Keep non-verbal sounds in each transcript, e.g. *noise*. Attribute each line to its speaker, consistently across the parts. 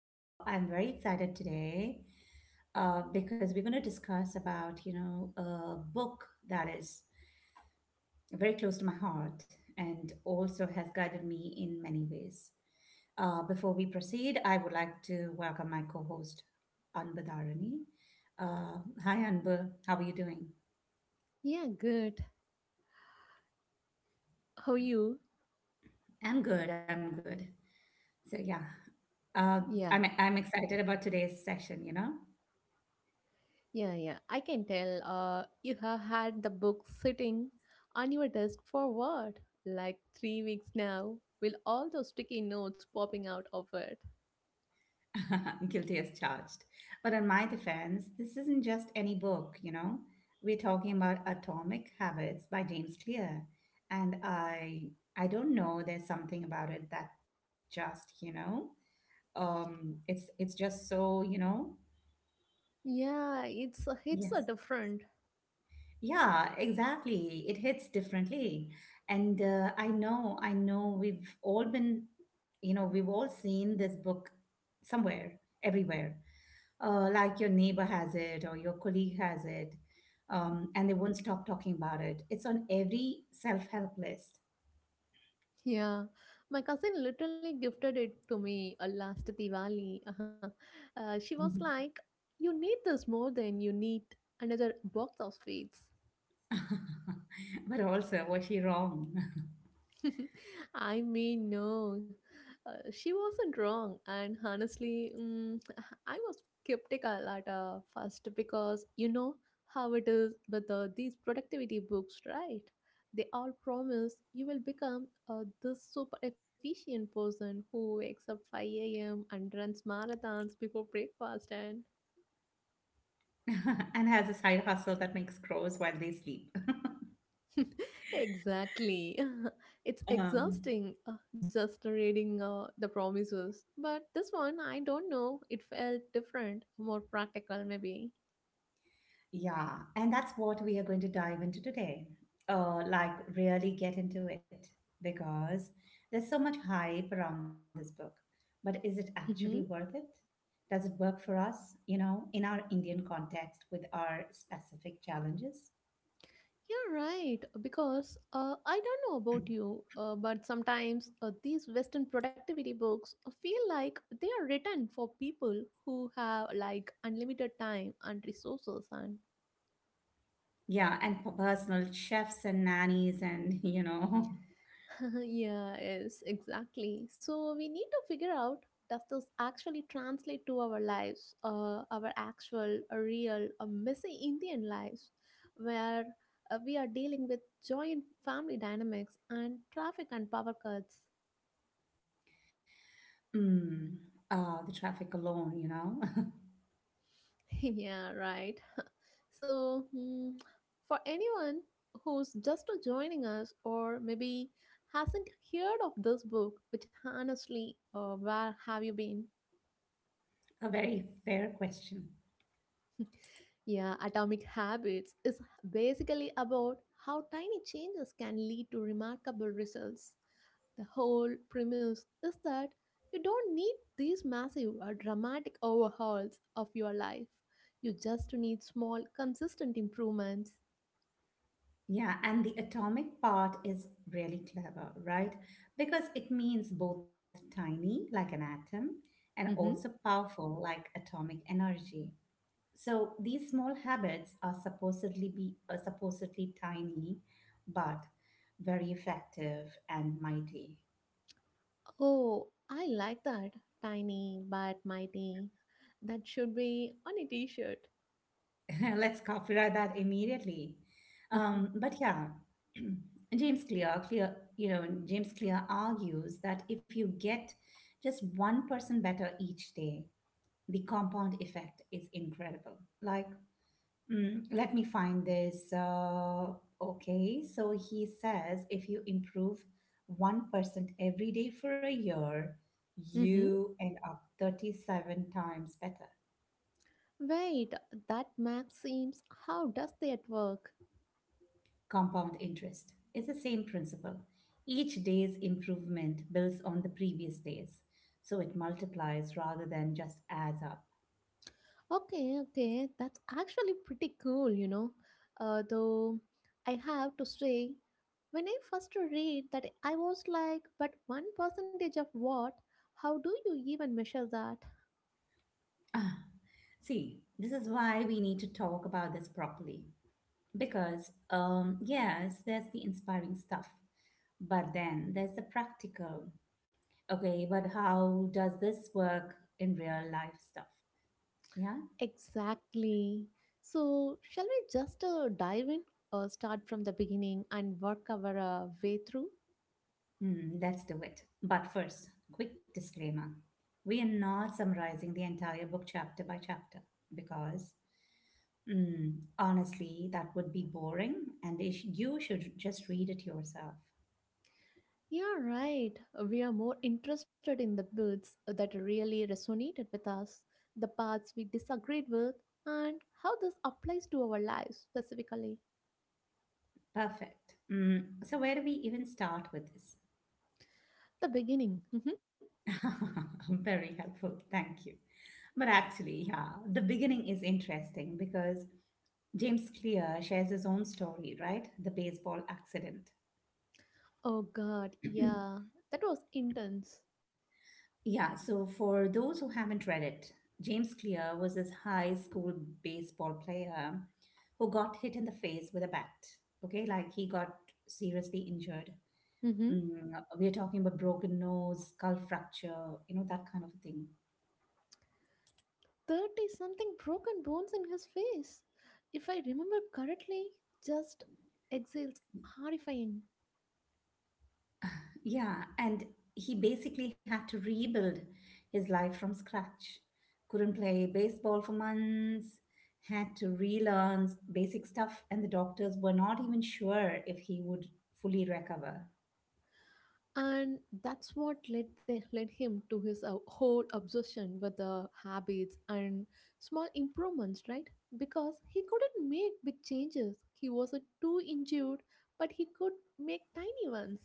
Speaker 1: I'm very excited today because we're going to discuss about a book that is very close to my heart and also has guided me in many ways. Before we proceed, I would like to welcome my co-host Anbu Dharani. Hi, Anbu. How are you doing?
Speaker 2: Yeah, good. How you?
Speaker 1: I'm good. I'm good. So yeah, uh,
Speaker 2: Yeah,
Speaker 1: I'm excited about today's session.
Speaker 2: yeah, yeah. I can tell you have had the book sitting on your desk for what? Like 3 weeks now, with all those sticky notes popping out of it.
Speaker 1: *laughs* Guilty as charged. But on my defense, this isn't just any book, you know? We're talking about Atomic Habits by James Clear. And I don't know, there's something about it that just, you know, it's just so, you know,
Speaker 2: Yeah, it's a
Speaker 1: yes.
Speaker 2: different.
Speaker 1: Yeah, exactly. It hits differently. And I know we've all been, we've all seen this book somewhere, everywhere. Like your neighbor has it or your colleague has it, and they won't stop talking about it. It's on every self help list.
Speaker 2: Yeah, my cousin literally gifted it to me last Diwali. Uh-huh. She was like, "You need this more than you need another box of sweets."
Speaker 1: *laughs* But also, was she wrong?
Speaker 2: *laughs* I mean, no. She wasn't wrong, and honestly, *sighs* I was skeptical at first because you know how it is with these productivity books, right? They all promise you will become this super efficient person who wakes up 5 a.m. and runs marathons before breakfast, and
Speaker 1: *laughs* And has a side hustle that makes crows while they sleep.
Speaker 2: Exactly. *laughs* It's
Speaker 1: Um,
Speaker 2: exhausting just reading the promises. But this one, I don't know. It felt different, more practical, maybe.
Speaker 1: Yeah, and that's what we are going to dive into today. Like, really get into it because there's so much hype around this book. But is it actually
Speaker 2: Mm-hmm.
Speaker 1: worth it? Does it work for us, you know, in our Indian context with our specific challenges?
Speaker 2: You're right. Because I don't know about you, but sometimes these Western productivity books feel like they are written for people who have like unlimited time and resources and
Speaker 1: Yeah, and personal chefs and nannies, and, you know, *laughs*
Speaker 2: *laughs* yeah, yes, exactly. So we need to figure out, does this actually translate to our lives, our actual, real, messy Indian lives, where we are dealing with joint family dynamics and traffic and power cuts.
Speaker 1: Mm, the traffic alone, you know.
Speaker 2: *laughs* Yeah, right. *laughs* So for anyone who's just joining us or maybe hasn't heard of this book, which honestly, where have you been?
Speaker 1: *laughs* A very fair question.
Speaker 2: Yeah, Atomic Habits is basically about how tiny changes can lead to remarkable results. The whole premise is that you don't need these massive or dramatic overhauls of your life. You just need small, consistent improvements.
Speaker 1: Yeah, and the atomic part is really clever, right? Because it means both tiny, like an atom, and also
Speaker 2: Hmm.
Speaker 1: powerful, like atomic energy. So these small habits are supposedly tiny, but very effective and mighty.
Speaker 2: Oh, I like that. Tiny but mighty. That should be on a t shirt.
Speaker 1: *laughs* Let's copyright that immediately.
Speaker 2: *laughs*
Speaker 1: Um, but yeah, *clears throat* James Clear argues that if you get just one person better each day, the compound effect is incredible. Like, let me find this. Okay, so he says if you improve 1% every day for a year,
Speaker 2: Mm-hmm.
Speaker 1: you end up 37 times better.
Speaker 2: Wait, that math seems. How does that work?
Speaker 1: Compound interest is the same principle. Each day's improvement builds on the previous days, so it multiplies rather than just adds up.
Speaker 2: Okay, okay, that's actually pretty cool, you know. Though I have to say, when I first read that, I was like, but one percentage of what? How do you even measure that?
Speaker 1: See, this is why we need to talk about this properly. Because, yes, there's the inspiring stuff, but then there's the practical. Okay, but how does this work in real life stuff? Yeah.
Speaker 2: Exactly. So, shall we just dive in or start from the beginning and work our way through?
Speaker 1: Hmm, let's do it. But first, quick disclaimer. We are not summarizing the entire book chapter by chapter because, hmm, honestly, that would be boring and you should just read it yourself.
Speaker 2: Yeah, right. We are more interested in the bits that really resonated with us, the parts we disagreed with, and how this applies to our lives specifically.
Speaker 1: Perfect. Hmm, so, where do we even start with this?
Speaker 2: The beginning. *laughs*
Speaker 1: *laughs* Very helpful. Thank you. But actually, yeah, the beginning is interesting because James Clear shares his own story, right? The baseball accident.
Speaker 2: Oh god, yeah. That was intense.
Speaker 1: Yeah, so for those who haven't read it, James Clear was this high school baseball player who got hit in the face with a bat. Okay, like he got seriously injured.
Speaker 2: Mm-hmm.
Speaker 1: Mm, we are talking about broken nose, skull fracture, you know, that kind of a thing.
Speaker 2: 30 something broken bones in his face. If I remember correctly, just exhales horrifying.
Speaker 1: Yeah, and he basically had to rebuild his life from scratch. Couldn't play baseball for months, had to relearn basic stuff, and the doctors were not even sure if he would fully recover.
Speaker 2: And that's what led, led him to his whole obsession with the habits and small improvements, right? Because he couldn't make big changes. He was too injured, but he could make tiny ones.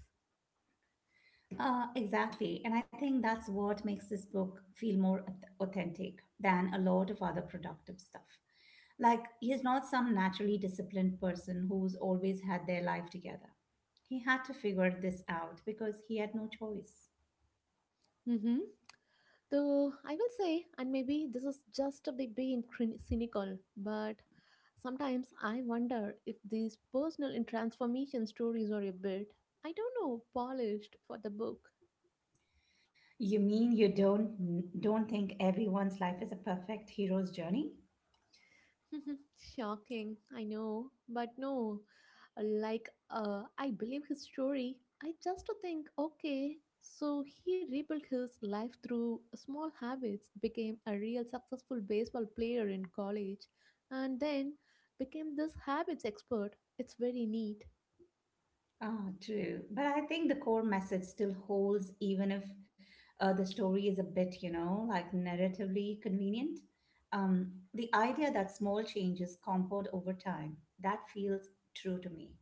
Speaker 1: Exactly. And I think that's what makes this book feel more authentic than a lot of other productive stuff. Like, he's not some naturally disciplined person who's always had their life together. He had to figure this out because he had no choice.
Speaker 2: So I will say, and maybe this is just a bit being cynical, but sometimes I wonder if these personal and transformation stories are a bit, I don't know, polished for the book.
Speaker 1: You mean you don't think everyone's life is a perfect hero's journey?
Speaker 2: *laughs* Shocking, I know, but no. Uh, like, I believe his story. I just think, okay, so he rebuilt his life through small habits, became a real successful baseball player in college, and then became this habits expert. It's very neat.
Speaker 1: Ah, true. But I think the core message still holds, even if the story is a bit, you know, like narratively convenient. The idea that small changes compound over time, that feels true to me.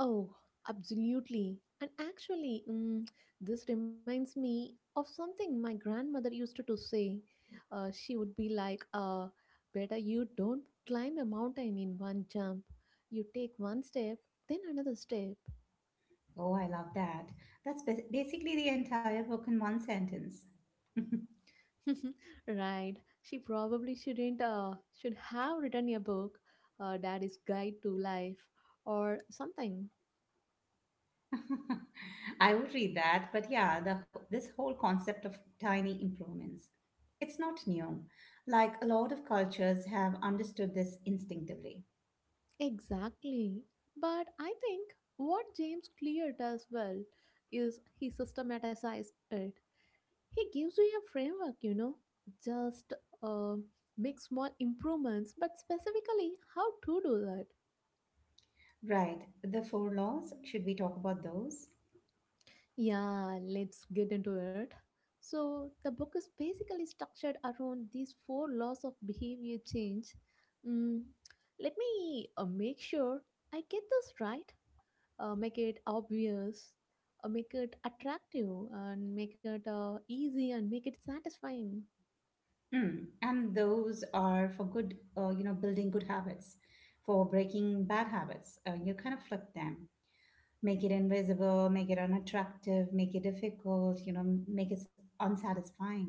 Speaker 2: Oh, absolutely. And actually, this reminds me of something my grandmother used to, say. She would be like, Better you don't climb a mountain in one jump. You take one step, then another step.
Speaker 1: Oh, I love that. That's basically the entire book in one sentence.
Speaker 2: *laughs* right. She probably shouldn't, should have written a book, Daddy's Guide to Life, or something.
Speaker 1: *laughs* I would read that, but yeah, this whole concept of tiny improvements. It's not new. Like a lot of cultures have understood this instinctively.
Speaker 2: Exactly. But I think what James Clear does well is he systematizes it. He gives you a framework, you know, just uh, make small improvements, but specifically how to do that.
Speaker 1: Right. The four laws, should we talk about those?
Speaker 2: Yeah, let's get into it. So, the book is basically structured around these four laws of behavior change. Mm, Let me make sure I get this right, make it obvious, make it attractive, and make it easy and make it satisfying.
Speaker 1: Mm. And those are for good, building good habits, for breaking bad habits. You kind of flip them, make it invisible, make it unattractive, make it difficult, you know, make it unsatisfying.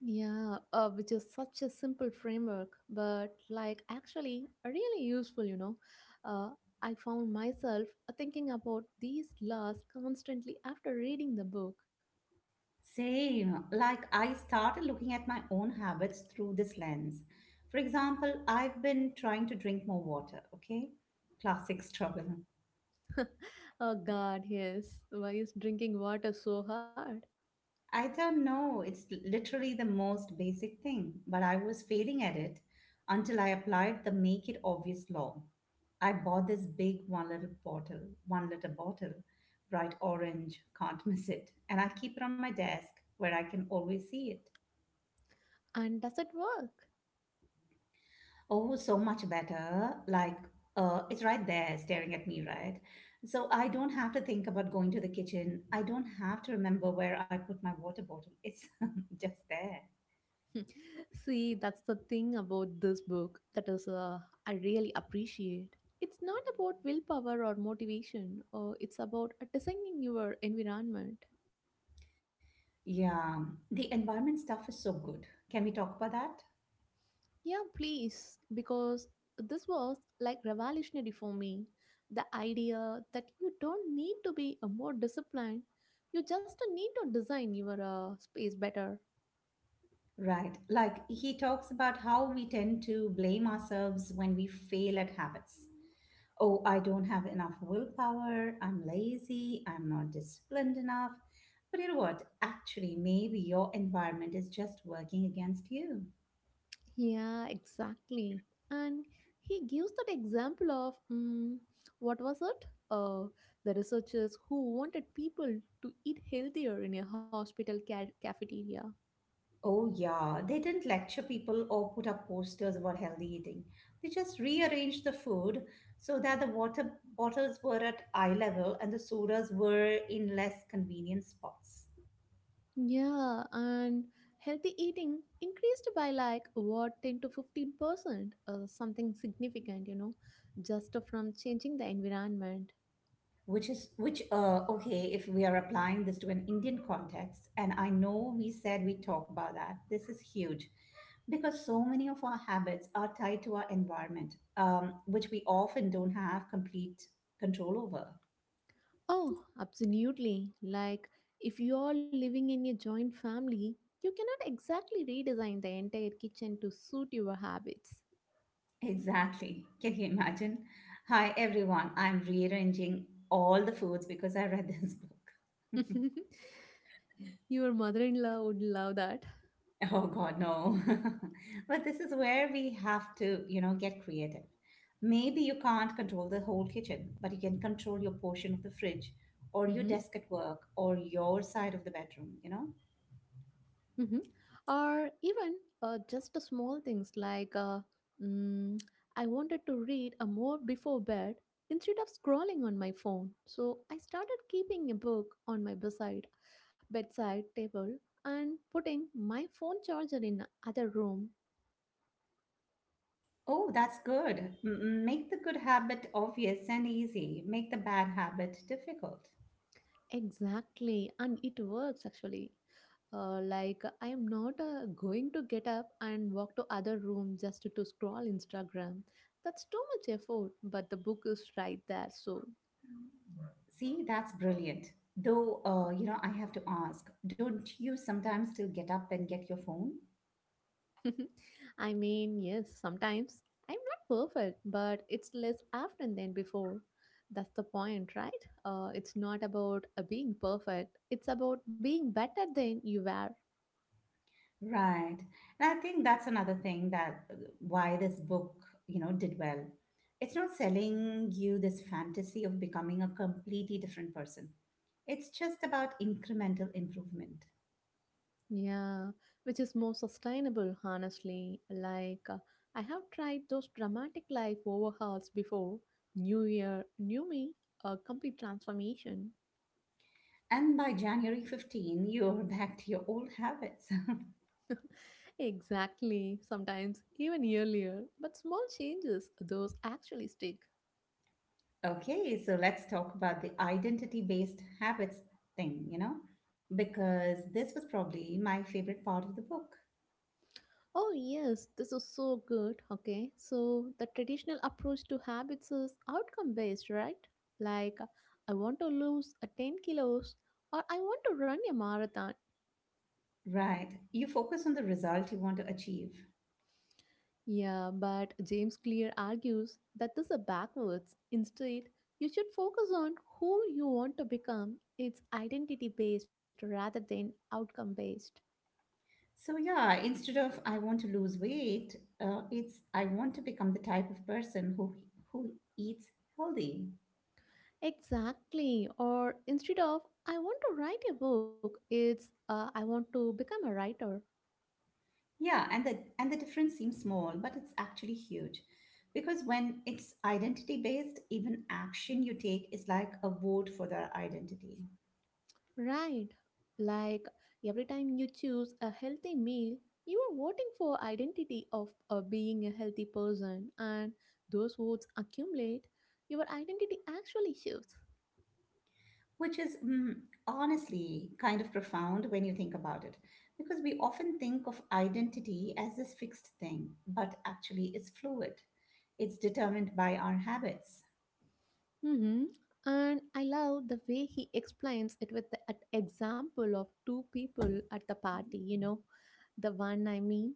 Speaker 2: Yeah, which is such a simple framework, but like actually really useful, you know. Uh, I found myself thinking about these laws constantly after reading the book.
Speaker 1: Same. Like I started looking at my own habits through this lens. For example, I've been trying to drink more water, okay? Classic *laughs* struggle.
Speaker 2: Oh God, yes. Why is drinking water so hard?
Speaker 1: I don't know, it's literally the most basic thing, but I was failing at it until I applied the make it obvious law. I bought this big one little bottle, 1 liter bottle, bright orange, can't miss it, and I keep it on my desk where I can always see it.
Speaker 2: And does it work?
Speaker 1: Oh, so much better. Like, it's right there staring at me, right? So I don't have to think about going to the kitchen. I don't have to remember where I put my water bottle. It's *laughs* just there.
Speaker 2: *laughs* See, that's the thing about this book that is I really appreciate. It's not about willpower or motivation, or it's about designing your environment.
Speaker 1: Yeah, the environment stuff is so good. Can we talk about that?
Speaker 2: Yeah, please, because this was like revolutionary for me. The idea that you don't need to be a more disciplined, you just need to design your space better.
Speaker 1: Right. Like, he talks about how we tend to blame ourselves when we fail at habits. Oh, I don't have enough willpower, I'm lazy, I'm not disciplined enough. But you know what? Actually, maybe your environment is just working against you.
Speaker 2: Yeah, exactly. And he gives that example of what was it? Uh, the researchers who wanted people to eat healthier in a hospital cafeteria.
Speaker 1: Oh, yeah, they didn't lecture people or put up posters about healthy eating. They just rearranged the food so that the water bottles were at eye level and the sodas were in less convenient spots.
Speaker 2: Yeah, and healthy eating increased by like what 10 to 15%, something significant, you know, just from changing the environment.
Speaker 1: Which is which okay, if we are applying this to an Indian context, and I know we said we talk about that, this is huge because so many of our habits are tied to our environment, which we often don't have complete control over.
Speaker 2: Oh, absolutely. Like, if you're living in a joint family, you cannot exactly redesign the entire kitchen to suit your habits.
Speaker 1: Exactly, can you imagine? Hi everyone, I'm rearranging all the foods because I read this *laughs* book.
Speaker 2: *laughs* Your mother in law would love that.
Speaker 1: *laughs* Oh God, no. *laughs* But this is where we have to, you know, get creative. Maybe you can't control the whole kitchen, but you can control your portion of the fridge or your
Speaker 2: Mhm.
Speaker 1: desk at work or your side of the bedroom, you know?
Speaker 2: Hmm. Or even just the small things like mm, I wanted to read a more before bed instead of scrolling on my phone. So I started keeping a book on my beside bedside table and putting my phone charger in other room.
Speaker 1: Oh, that's good. Make the good habit obvious and easy. Make the bad habit difficult.
Speaker 2: Exactly, and it works actually. Like I am not going to get up and walk to other room just to scroll Instagram. That's too much effort, but the book is right there, so
Speaker 1: See, that's brilliant. Though, you know, I have to ask, don't you sometimes still get up and get your phone?
Speaker 2: *laughs* I mean, yes, sometimes. I'm not perfect, but it's less often than before. That's the point, right? It's not about being perfect, it's about being better than you were.
Speaker 1: Right. And I think that's another thing that why this book, you know, did well. It's not selling you this fantasy of becoming a completely different person. It's just about incremental improvement.
Speaker 2: Yeah, which is more sustainable, honestly. I have tried those dramatic life overhauls before. New year, new me, a complete transformation.
Speaker 1: And by January 15, you're *laughs* back to your old habits. *laughs*
Speaker 2: Exactly, sometimes even earlier. But small changes, those actually stick.
Speaker 1: Okay, so let's talk about the identity-based habits thing, you know, because this was probably my favorite part of the book.
Speaker 2: Oh, yes, this is so good. Okay, so the traditional approach to habits is outcome based, right? Like, I want to lose a 10 kilos or I want to run a marathon.
Speaker 1: Right. You focus on the result you want to achieve.
Speaker 2: Yeah, but James Clear argues that this is backwards. Instead, you should focus on who you want to become. It's identity based rather than outcome based.
Speaker 1: So, yeah, instead of I want to lose weight, it's I want to become the type of person who eats healthy.
Speaker 2: Exactly. Or instead of I want to write a book, it's I want to become a writer.
Speaker 1: Yeah, and the difference seems small, but it's actually huge. Because when it's identity based, even action you take is like a vote for their identity,
Speaker 2: Right. Like every time you choose a healthy meal, you are voting for identity of being a healthy person and those votes accumulate, your identity actually shifts.
Speaker 1: which is honestly kind of profound when you think about it. Because we often think of identity as this fixed thing, but actually it's fluid. It's determined by our habits.
Speaker 2: Hmm. And I love the way he explains it with the example of two people at the party, you know, the one I mean.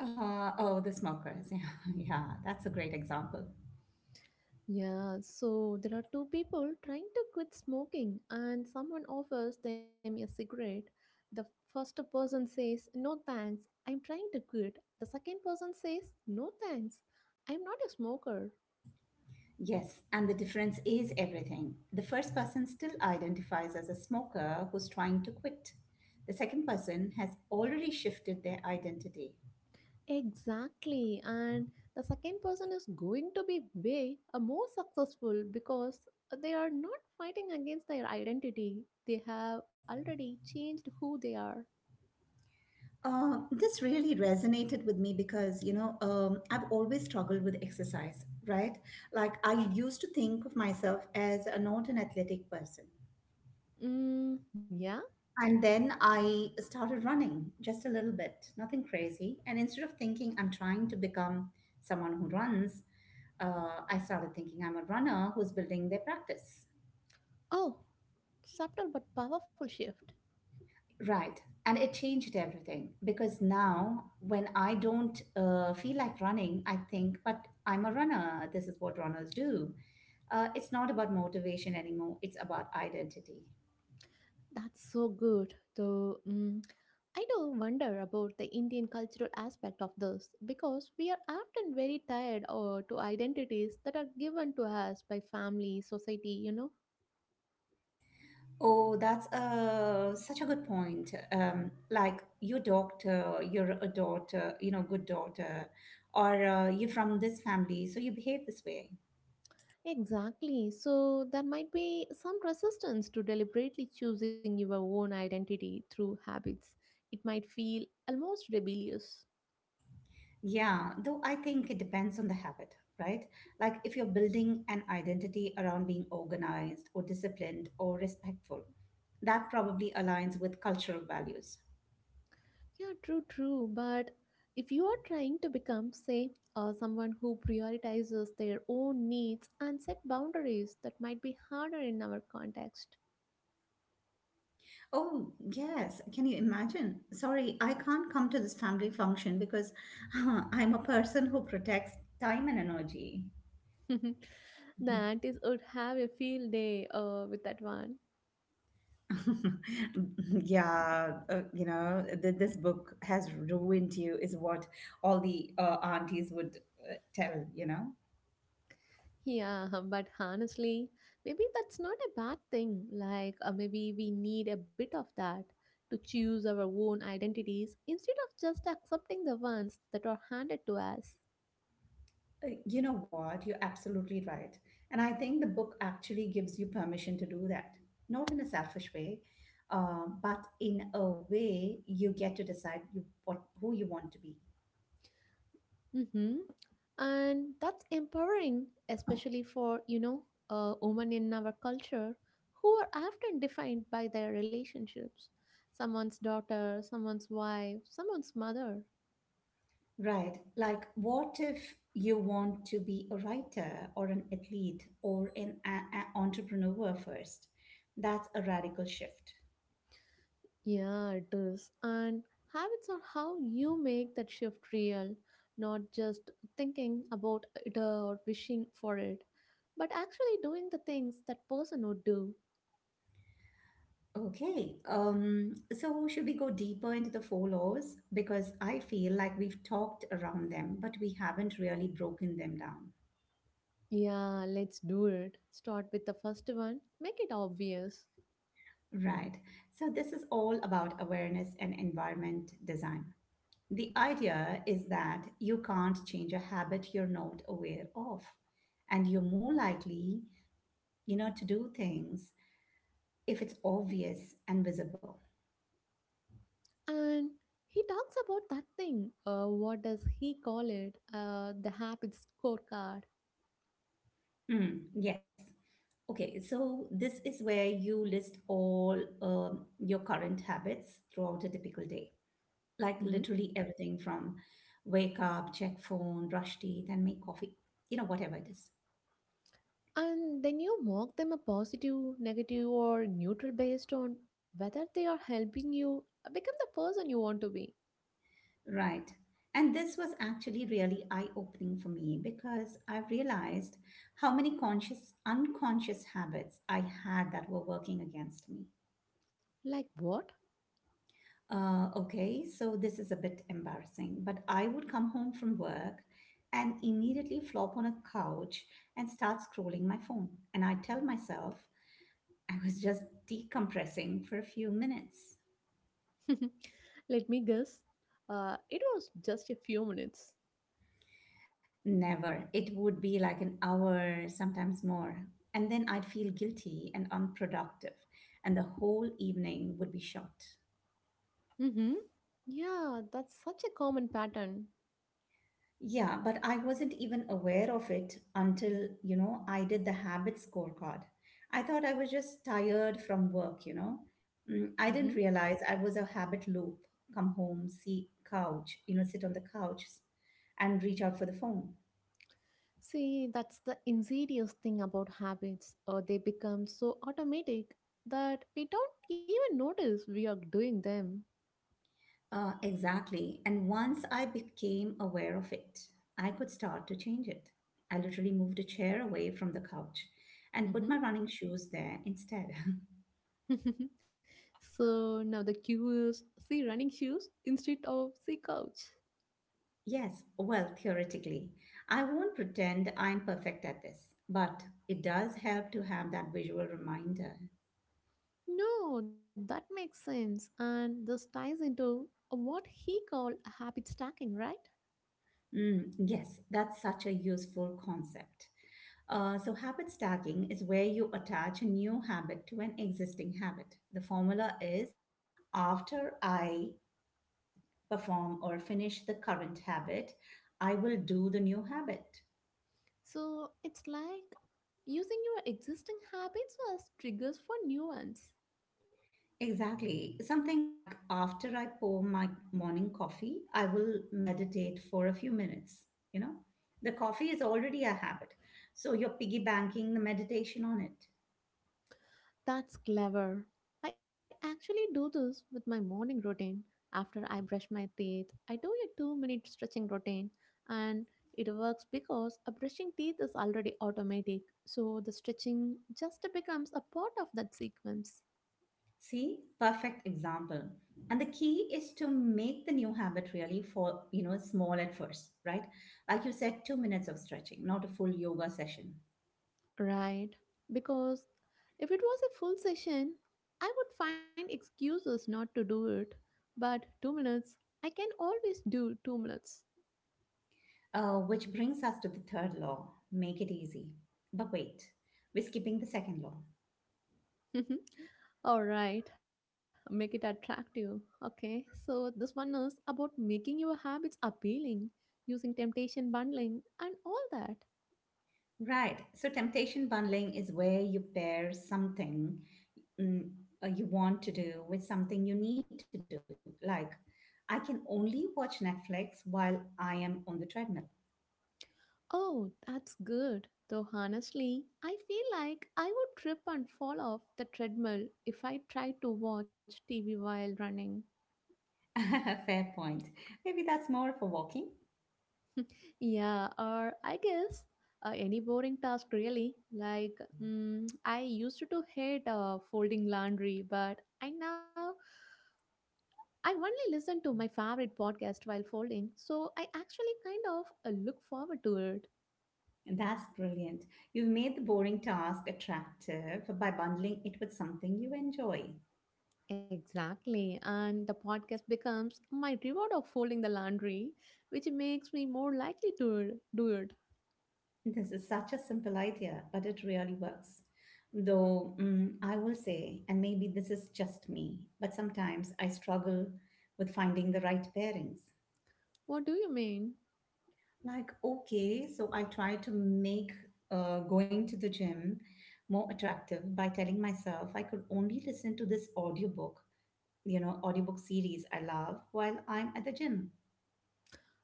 Speaker 1: Oh, the smokers. *laughs* Yeah, yeah, that's a great example.
Speaker 2: Yeah, so there are two people trying to quit smoking, and someone offers them a cigarette. The first person says, No thanks, I'm trying to quit. The second person says, No thanks, I'm not a smoker.
Speaker 1: Yes, and the difference is everything. The first person still identifies as a smoker who's trying to quit. The second person has already shifted their identity.
Speaker 2: Exactly, and the second person is going to be way more successful because they are not fighting against their identity. They have already changed who they are.
Speaker 1: This really resonated with me because, you know, I've always struggled with exercise, right? Like, I used to think of myself as not an athletic person.
Speaker 2: Mm, yeah?
Speaker 1: And then I started running just a little bit, nothing crazy. And instead of thinking I'm trying to become someone who runs, I started thinking I'm a runner who's building their practice.
Speaker 2: Oh, subtle but powerful shift.
Speaker 1: Right. And it changed everything because now when I don't feel like running, I think, but I'm a runner. This is what runners do. It's not about motivation anymore, it's about identity.
Speaker 2: That's so good. Though I do wonder about the Indian cultural aspect of this because we are often very tied or to identities that are given to us by family, society, you know.
Speaker 1: Oh, that's such a good point. Like your doctor, you're a daughter, you know, good daughter, or you're from this family, so you behave this way.
Speaker 2: Exactly. So there might be some resistance to deliberately choosing your own identity through habits. It might feel almost rebellious.
Speaker 1: Yeah, though I think it depends on the habit, right? Like if you're building an identity around being organized or disciplined or respectful, that probably aligns with cultural values.
Speaker 2: Yeah, true, true. But if you are trying to become, say, someone who prioritizes their own needs and set boundaries, that might be harder in our context.
Speaker 1: Oh, yes. Can you imagine? Sorry, I can't come to this family function because *laughs* I'm a person who protects time and energy.
Speaker 2: *laughs*
Speaker 1: *laughs*
Speaker 2: That is would have a field day with that one.
Speaker 1: Yeah, this book has ruined you, is what all the aunties would tell, you know?
Speaker 2: Yeah, *laughs* but honestly, maybe that's not a bad thing. Maybe we need a bit of that to choose our own identities instead of just accepting the ones that are handed to us.
Speaker 1: You know what? You're absolutely right. And I think the book actually gives you permission to do that, not in a selfish way, but in a way you get to decide who you want to be.
Speaker 2: Mm-hmm. And that's empowering, especially for, you know, women in our culture who are often defined by their relationships. Someone's daughter, someone's wife, someone's mother.
Speaker 1: Right. Like, what if you want to be a writer or an athlete or an entrepreneur first? That's a radical shift.
Speaker 2: Yeah, it is. And habits are how you make that shift real, not just thinking about it or wishing for it, but actually doing the things that person would do.
Speaker 1: Okay, so should we go deeper into the four laws? Because I feel like we've talked around them, but we haven't really broken them down.
Speaker 2: Yeah, let's do it. Start with the first one. Make it obvious.
Speaker 1: Right. So this is all about awareness and environment design. The idea is that you can't change a habit you're not aware of, and you're more likely, you know, to do things if it's obvious and visible.
Speaker 2: And he talks about that thing, what does he call it, the habits scorecard.
Speaker 1: Mm, yes. Okay, so this is where you list all your current habits throughout a typical day,
Speaker 2: Hmm.
Speaker 1: like literally everything from wake up, check phone, brush teeth, and make coffee, you know, whatever it is.
Speaker 2: And then you mark them a positive negative or neutral based on whether they are helping you become the person you want to be.
Speaker 1: Right. And this was actually really eye-opening for me because I realized how many conscious, unconscious habits I had that were working against me.
Speaker 2: Like what?
Speaker 1: Okay, so this is a bit embarrassing, but I would come home from work and immediately flop on a couch and start scrolling my phone. And I tell myself I was just decompressing for a few minutes.
Speaker 2: *laughs* Let me guess, it was just a few minutes.
Speaker 1: Never. It would be like an hour, sometimes more. And then I'd feel guilty and unproductive, and the whole evening would be shot.
Speaker 2: Mm-hmm. Yeah, that's such a common pattern.
Speaker 1: Yeah, but I wasn't even aware of it until, you know, I did the habit scorecard. I thought I was just tired from work, you know. Mm, I
Speaker 2: Mm-hmm.
Speaker 1: didn't realize I was a habit loop. Come home, see couch, you know, sit on the couch and reach out for the phone.
Speaker 2: See, that's the insidious thing about habits. They become so automatic that we don't even notice we are doing them.
Speaker 1: Exactly. And once I became aware of it, I could start to change it. I literally moved a chair away from the couch and put
Speaker 2: Mhm.
Speaker 1: my running shoes there instead. *laughs*
Speaker 2: *laughs* So now the cue is see running shoes instead of see couch.
Speaker 1: Yes, well, theoretically. I won't pretend I'm perfect at this, but it does help to have that visual reminder.
Speaker 2: No, that makes sense. And this ties into what he called habit stacking, right?
Speaker 1: Mm, yes, that's such a useful concept. So, habit stacking is where you attach a new habit to an existing habit. The formula is after I perform or finish the current habit, I will do the new habit.
Speaker 2: So it's like using your existing habits as triggers for new ones.
Speaker 1: Exactly. Something like after I pour my morning coffee, I will meditate for a few minutes. You know, the coffee is already a habit. So you're piggy banking the meditation on it.
Speaker 2: That's clever. I actually do this with my morning routine. After I brush my teeth, I do a 2 minute stretching routine, and it works because a brushing teeth is already automatic, so the stretching just becomes a part of that sequence.
Speaker 1: See, perfect example. And the key is to make the new habit you know, small at first, right? Like you said, 2 minutes of stretching, not a full yoga session.
Speaker 2: Right, because if it was a full session, I would find excuses not to do it, but 2 minutes, I can always do 2 minutes.
Speaker 1: Which brings us to the third law, make it easy. But wait, we're skipping the second law.
Speaker 2: Mhm. All right, make it attractive. Okay, so this one is about making your habits appealing, using temptation bundling, and all that.
Speaker 1: Right. So temptation bundling is where you pair something mm, you want to do with something you need to do. Like, I can only watch Netflix while I am on the treadmill.
Speaker 2: Oh, that's good. Though honestly, I feel like I would trip and fall off the treadmill if I tried to watch TV while running.
Speaker 1: *laughs* Fair point. Maybe that's more for walking.
Speaker 2: Yeah, or I guess any boring task really. Like, I used to hate folding laundry, but I only listen to my favorite podcast while folding, so I actually kind of look forward to it.
Speaker 1: That's brilliant. You've made the boring task attractive by bundling it with something you enjoy.
Speaker 2: Exactly, and the podcast becomes my reward of folding the laundry, which makes me more likely to do it.
Speaker 1: This is such a simple idea, but it really works. Though I will say, and maybe this is just me, but sometimes I struggle with finding the right pairings.
Speaker 2: What do you mean?
Speaker 1: Like, okay, so I try to make going to the gym more attractive by telling myself I could only listen to this audiobook, you know, audiobook series I love while I'm at the gym.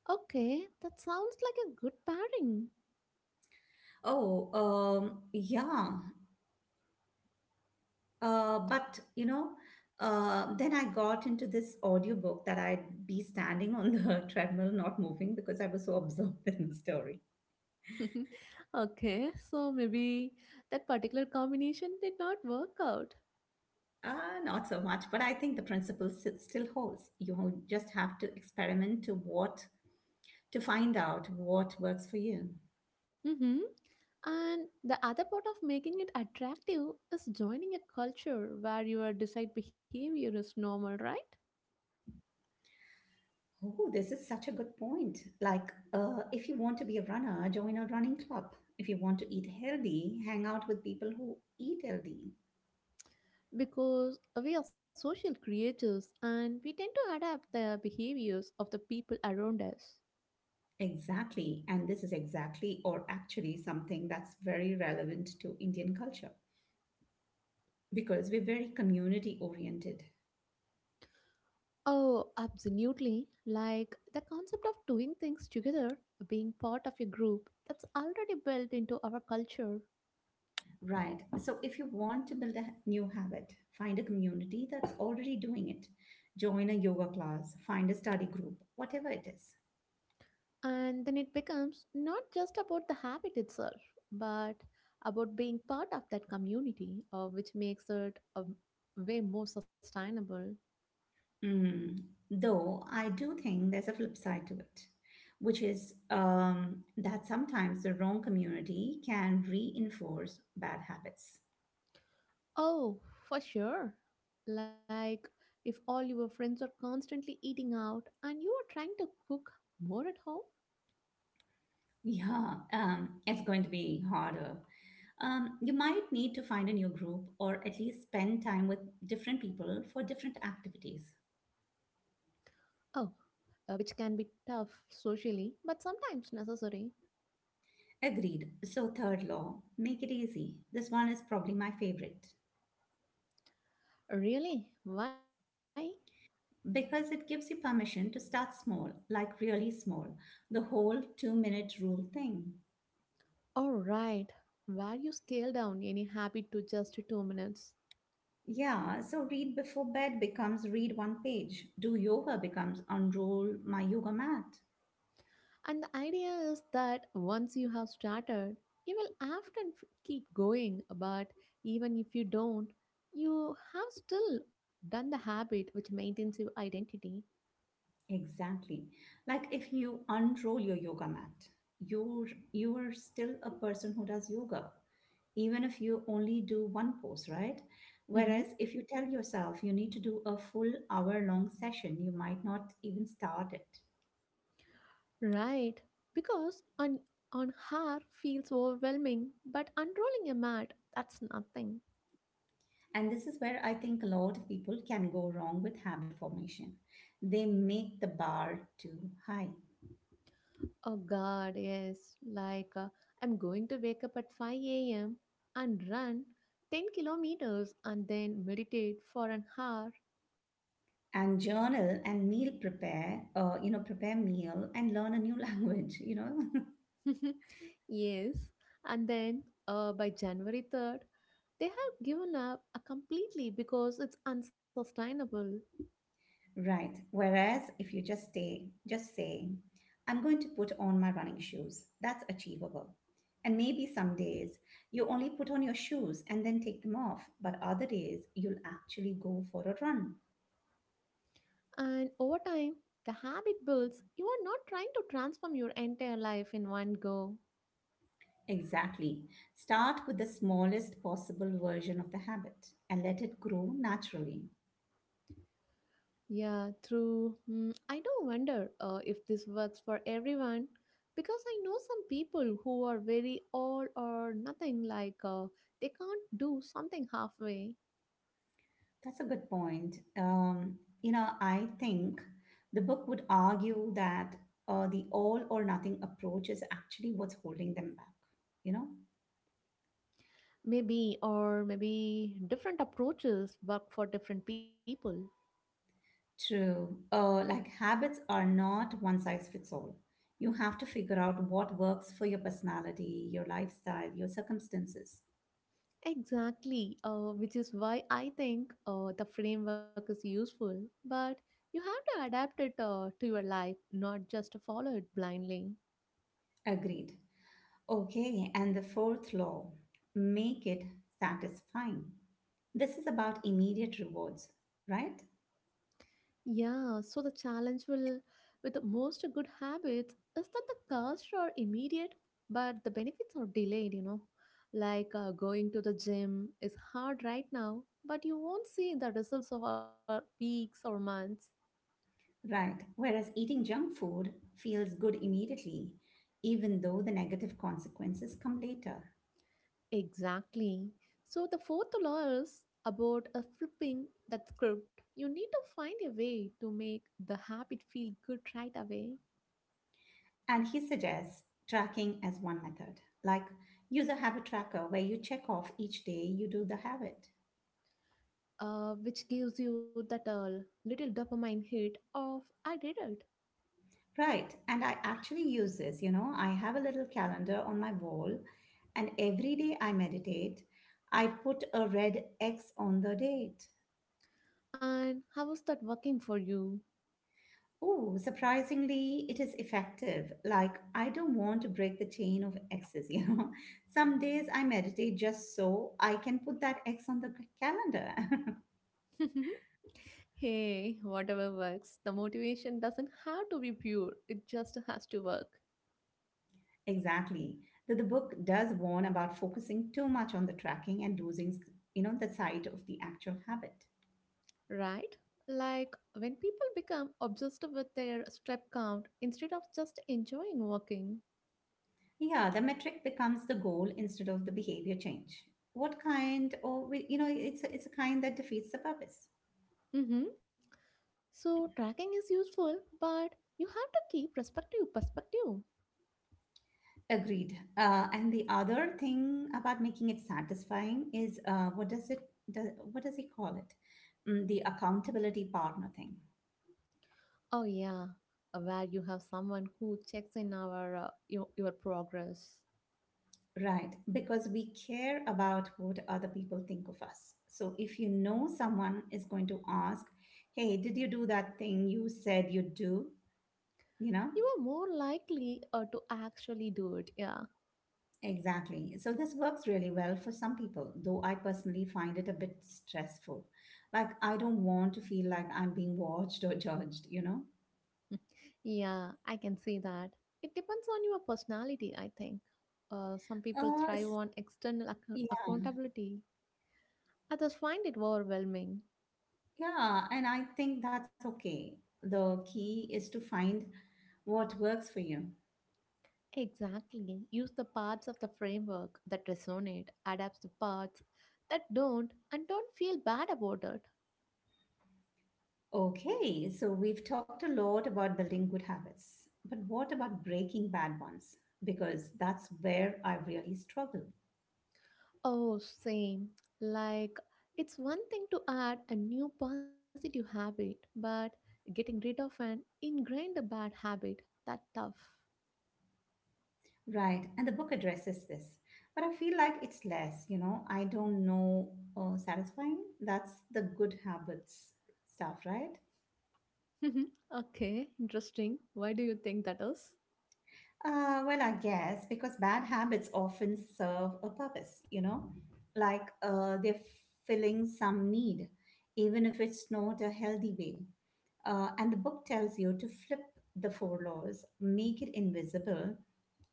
Speaker 2: Okay, that sounds like a good pairing.
Speaker 1: Oh, um, yeah, but you know, then I got into this audiobook that I'd be standing on the *laughs* treadmill, not moving, because I was so absorbed *laughs* in the story.
Speaker 2: *laughs* Okay, so maybe that particular combination did not work out.
Speaker 1: Not so much, but I think the principle still holds. You just have to experiment to find out what works for you.
Speaker 2: Mm-hmm. And the other part of making it attractive is joining a culture where your desired behavior is normal, right?
Speaker 1: Oh, this is such a good point. Like, if you want to be a runner, join a running club. If you want to eat healthy, hang out with people who eat healthy.
Speaker 2: Because we are social creatures and we tend to adapt the behaviors of the people around us.
Speaker 1: Exactly. And this is exactly, or actually, something that's very relevant to Indian culture because we're very community oriented.
Speaker 2: Oh, absolutely. Like the concept of doing things together, being part of a group, that's already built into our culture.
Speaker 1: Right. So if you want to build a new habit, find a community that's already doing it. Join a yoga class, find a study group, whatever it is.
Speaker 2: And then it becomes not just about the habit itself, but about being part of that community, which makes it a way more sustainable.
Speaker 1: Mm. Though I do think there's a flip side to it, which is that sometimes the wrong community can reinforce bad habits.
Speaker 2: Oh, for sure. Like if all your friends are constantly eating out and you are trying to cook more at home.
Speaker 1: Yeah, it's going to be harder. You might need to find a new group or at least spend time with different people for different activities.
Speaker 2: Oh, which can be tough socially, but sometimes necessary.
Speaker 1: Agreed. So, third law, make it easy. This one is probably my favorite
Speaker 2: Really? Why?
Speaker 1: because it gives you permission to start small, like really small, the whole 2 minute rule thing.
Speaker 2: All right. Where you scale down any habit to just 2 minutes.
Speaker 1: Yeah, so read before bed becomes read one page, do yoga becomes unroll my yoga mat.
Speaker 2: And the idea is that once you have started, you will often keep going, but even if you don't, you have still done the habit which maintains your identity.
Speaker 1: Exactly. Like if you unroll your yoga mat, you are still a person who does yoga, even if you only do one pose, right?
Speaker 2: Mhm.
Speaker 1: Whereas if you tell yourself you need to do a full hour long session, you might not even start it.
Speaker 2: Right. Because on her feels overwhelming, but unrolling a mat, that's nothing.
Speaker 1: And this is where I think a lot of people can go wrong with habit formation. They make the bar too high.
Speaker 2: Oh God, yes. Like I'm going to wake up at 5 a.m. and run 10 kilometers and then meditate for an hour.
Speaker 1: And journal and meal prepare, you know, prepare meal and learn a new *laughs* language, you know.
Speaker 2: *laughs* Yes. And then by January 3rd, they have given up completely because it's unsustainable.
Speaker 1: Right. Whereas if you just say, I'm going to put on my running shoes, that's achievable. And maybe some days you only put on your shoes and then take them off, but other days you'll actually go for a run.
Speaker 2: And over time, the habit builds. You are not trying to transform your entire life in one go.
Speaker 1: Exactly. Start with the smallest possible version of the habit and let it grow naturally.
Speaker 2: Yeah, true. Mm, I do wonder if this works for everyone because I know some people who are very all or nothing like they can't do something halfway.
Speaker 1: That's a good point. You know, I think the book would argue that the all or nothing approach is actually what's holding them back. You know,
Speaker 2: Maybe, or maybe different approaches work for different people.
Speaker 1: true. Like habits are not one size fits all. You have to figure out what works for your personality, your lifestyle, your circumstances.
Speaker 2: Exactly, which is why I think the framework is useful, but you have to adapt it to your life, not just follow it blindly.
Speaker 1: Agreed. Okay, and the fourth law, make it satisfying. This is about immediate rewards, right?
Speaker 2: Yeah, so the challenge will with the most good habits is that the costs are immediate, but the benefits are delayed, you know. Like going to the gym is hard right now, but you won't see the results for weeks or months.
Speaker 1: Right. Whereas eating junk food feels good immediately, even though the negative consequences come later.
Speaker 2: Exactly. So the fourth law is about a flipping that script. You need to find a way to make the habit feel good right away,
Speaker 1: And he suggests tracking as one method, like use a habit tracker where you check off each day you do the habit.
Speaker 2: which gives you that little dopamine hit of I did it.
Speaker 1: Right. And I actually use this, you know, I have a little calendar on my wall, and every day I meditate, I put a red X on the date.
Speaker 2: And how is that working for you?
Speaker 1: Oh, surprisingly, it is effective. Like, I don't want to break the chain of X's, you know. *laughs* Some days I meditate just so I can put that X on the calendar. *laughs*
Speaker 2: *laughs* Hey, whatever works. The motivation doesn't have to be pure, it just has to work,
Speaker 1: Exactly. Though the book does warn about focusing too much on the tracking and losing, you know, the sight of the actual habit.
Speaker 2: right? Like when people become obsessed with their step count instead of just enjoying walking.
Speaker 1: Yeah, the metric becomes the goal instead of the behavior change. What kind, or, we- You know, it's a kind that defeats the purpose.
Speaker 2: Mm-hmm. So tracking is useful, but you have to keep perspective.
Speaker 1: Agreed. And the other thing about making it satisfying is does, what does he call it? The accountability partner thing,
Speaker 2: Oh yeah, where you have someone who checks in our your progress,
Speaker 1: right? Because we care about what other people think of us. So if you know someone is going to ask, "Hey, did you do that thing you said you'd do?" You know
Speaker 2: you are more likely to actually do it. Yeah,
Speaker 1: exactly. So this works really well for some people, though I personally find it a bit stressful. Like I don't want to feel like I'm being watched or judged. You know.
Speaker 2: *laughs* yeah, I can see that. It depends on your personality, I think. Some people
Speaker 1: Uh,
Speaker 2: thrive
Speaker 1: s-
Speaker 2: on external
Speaker 1: yeah,
Speaker 2: accountability; others find it overwhelming.
Speaker 1: yeah, and I think that's okay. The key is to find what works for you.
Speaker 2: Exactly. Use the parts of the framework that resonate, adapts the parts that don't, and don't feel bad about it.
Speaker 1: Okay, so we've talked a lot about building good habits, but what about breaking bad ones? Because that's where I really struggle.
Speaker 2: Oh, same. Like, it's one thing to add a new positive habit, but getting rid of an ingrained bad habit, that tough.
Speaker 1: Right, and the book addresses this, but I feel like it's less, you know, I don't know, satisfying. That's the good habits stuff, right?
Speaker 2: *laughs* Okay, interesting. Why do you think that is?
Speaker 1: Well, I guess because bad habits often serve a purpose, you know, like they're filling some need, even if it's not a healthy way. And the book tells you to flip the four laws, make it invisible,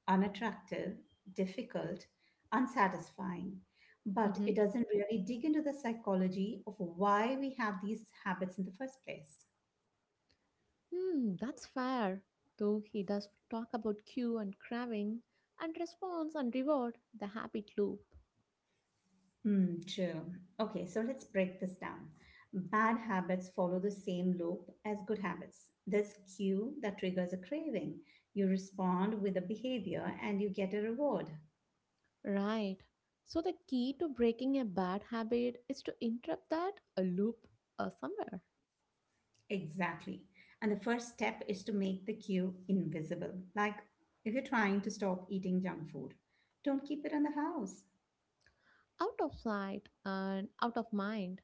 Speaker 1: unattractive, difficult, unsatisfying. But
Speaker 2: Mm-hmm.
Speaker 1: it doesn't really dig into the psychology of why we have these habits in the first place.
Speaker 2: Hmm, that's fair. Though he does talk about cue and craving and response and reward, the habit loop.
Speaker 1: Hmm. True. Okay, so let's break this down. Bad habits follow the same loop as good habits. There's cue that triggers a craving. You respond with a behavior and you get a reward.
Speaker 2: Right. So the key to breaking a bad habit is to interrupt that a loop somewhere
Speaker 1: Exactly. And the first step is to make the cue invisible. Like if you're trying to stop eating junk food, don't keep it in the house.
Speaker 2: out of sight and out of mind.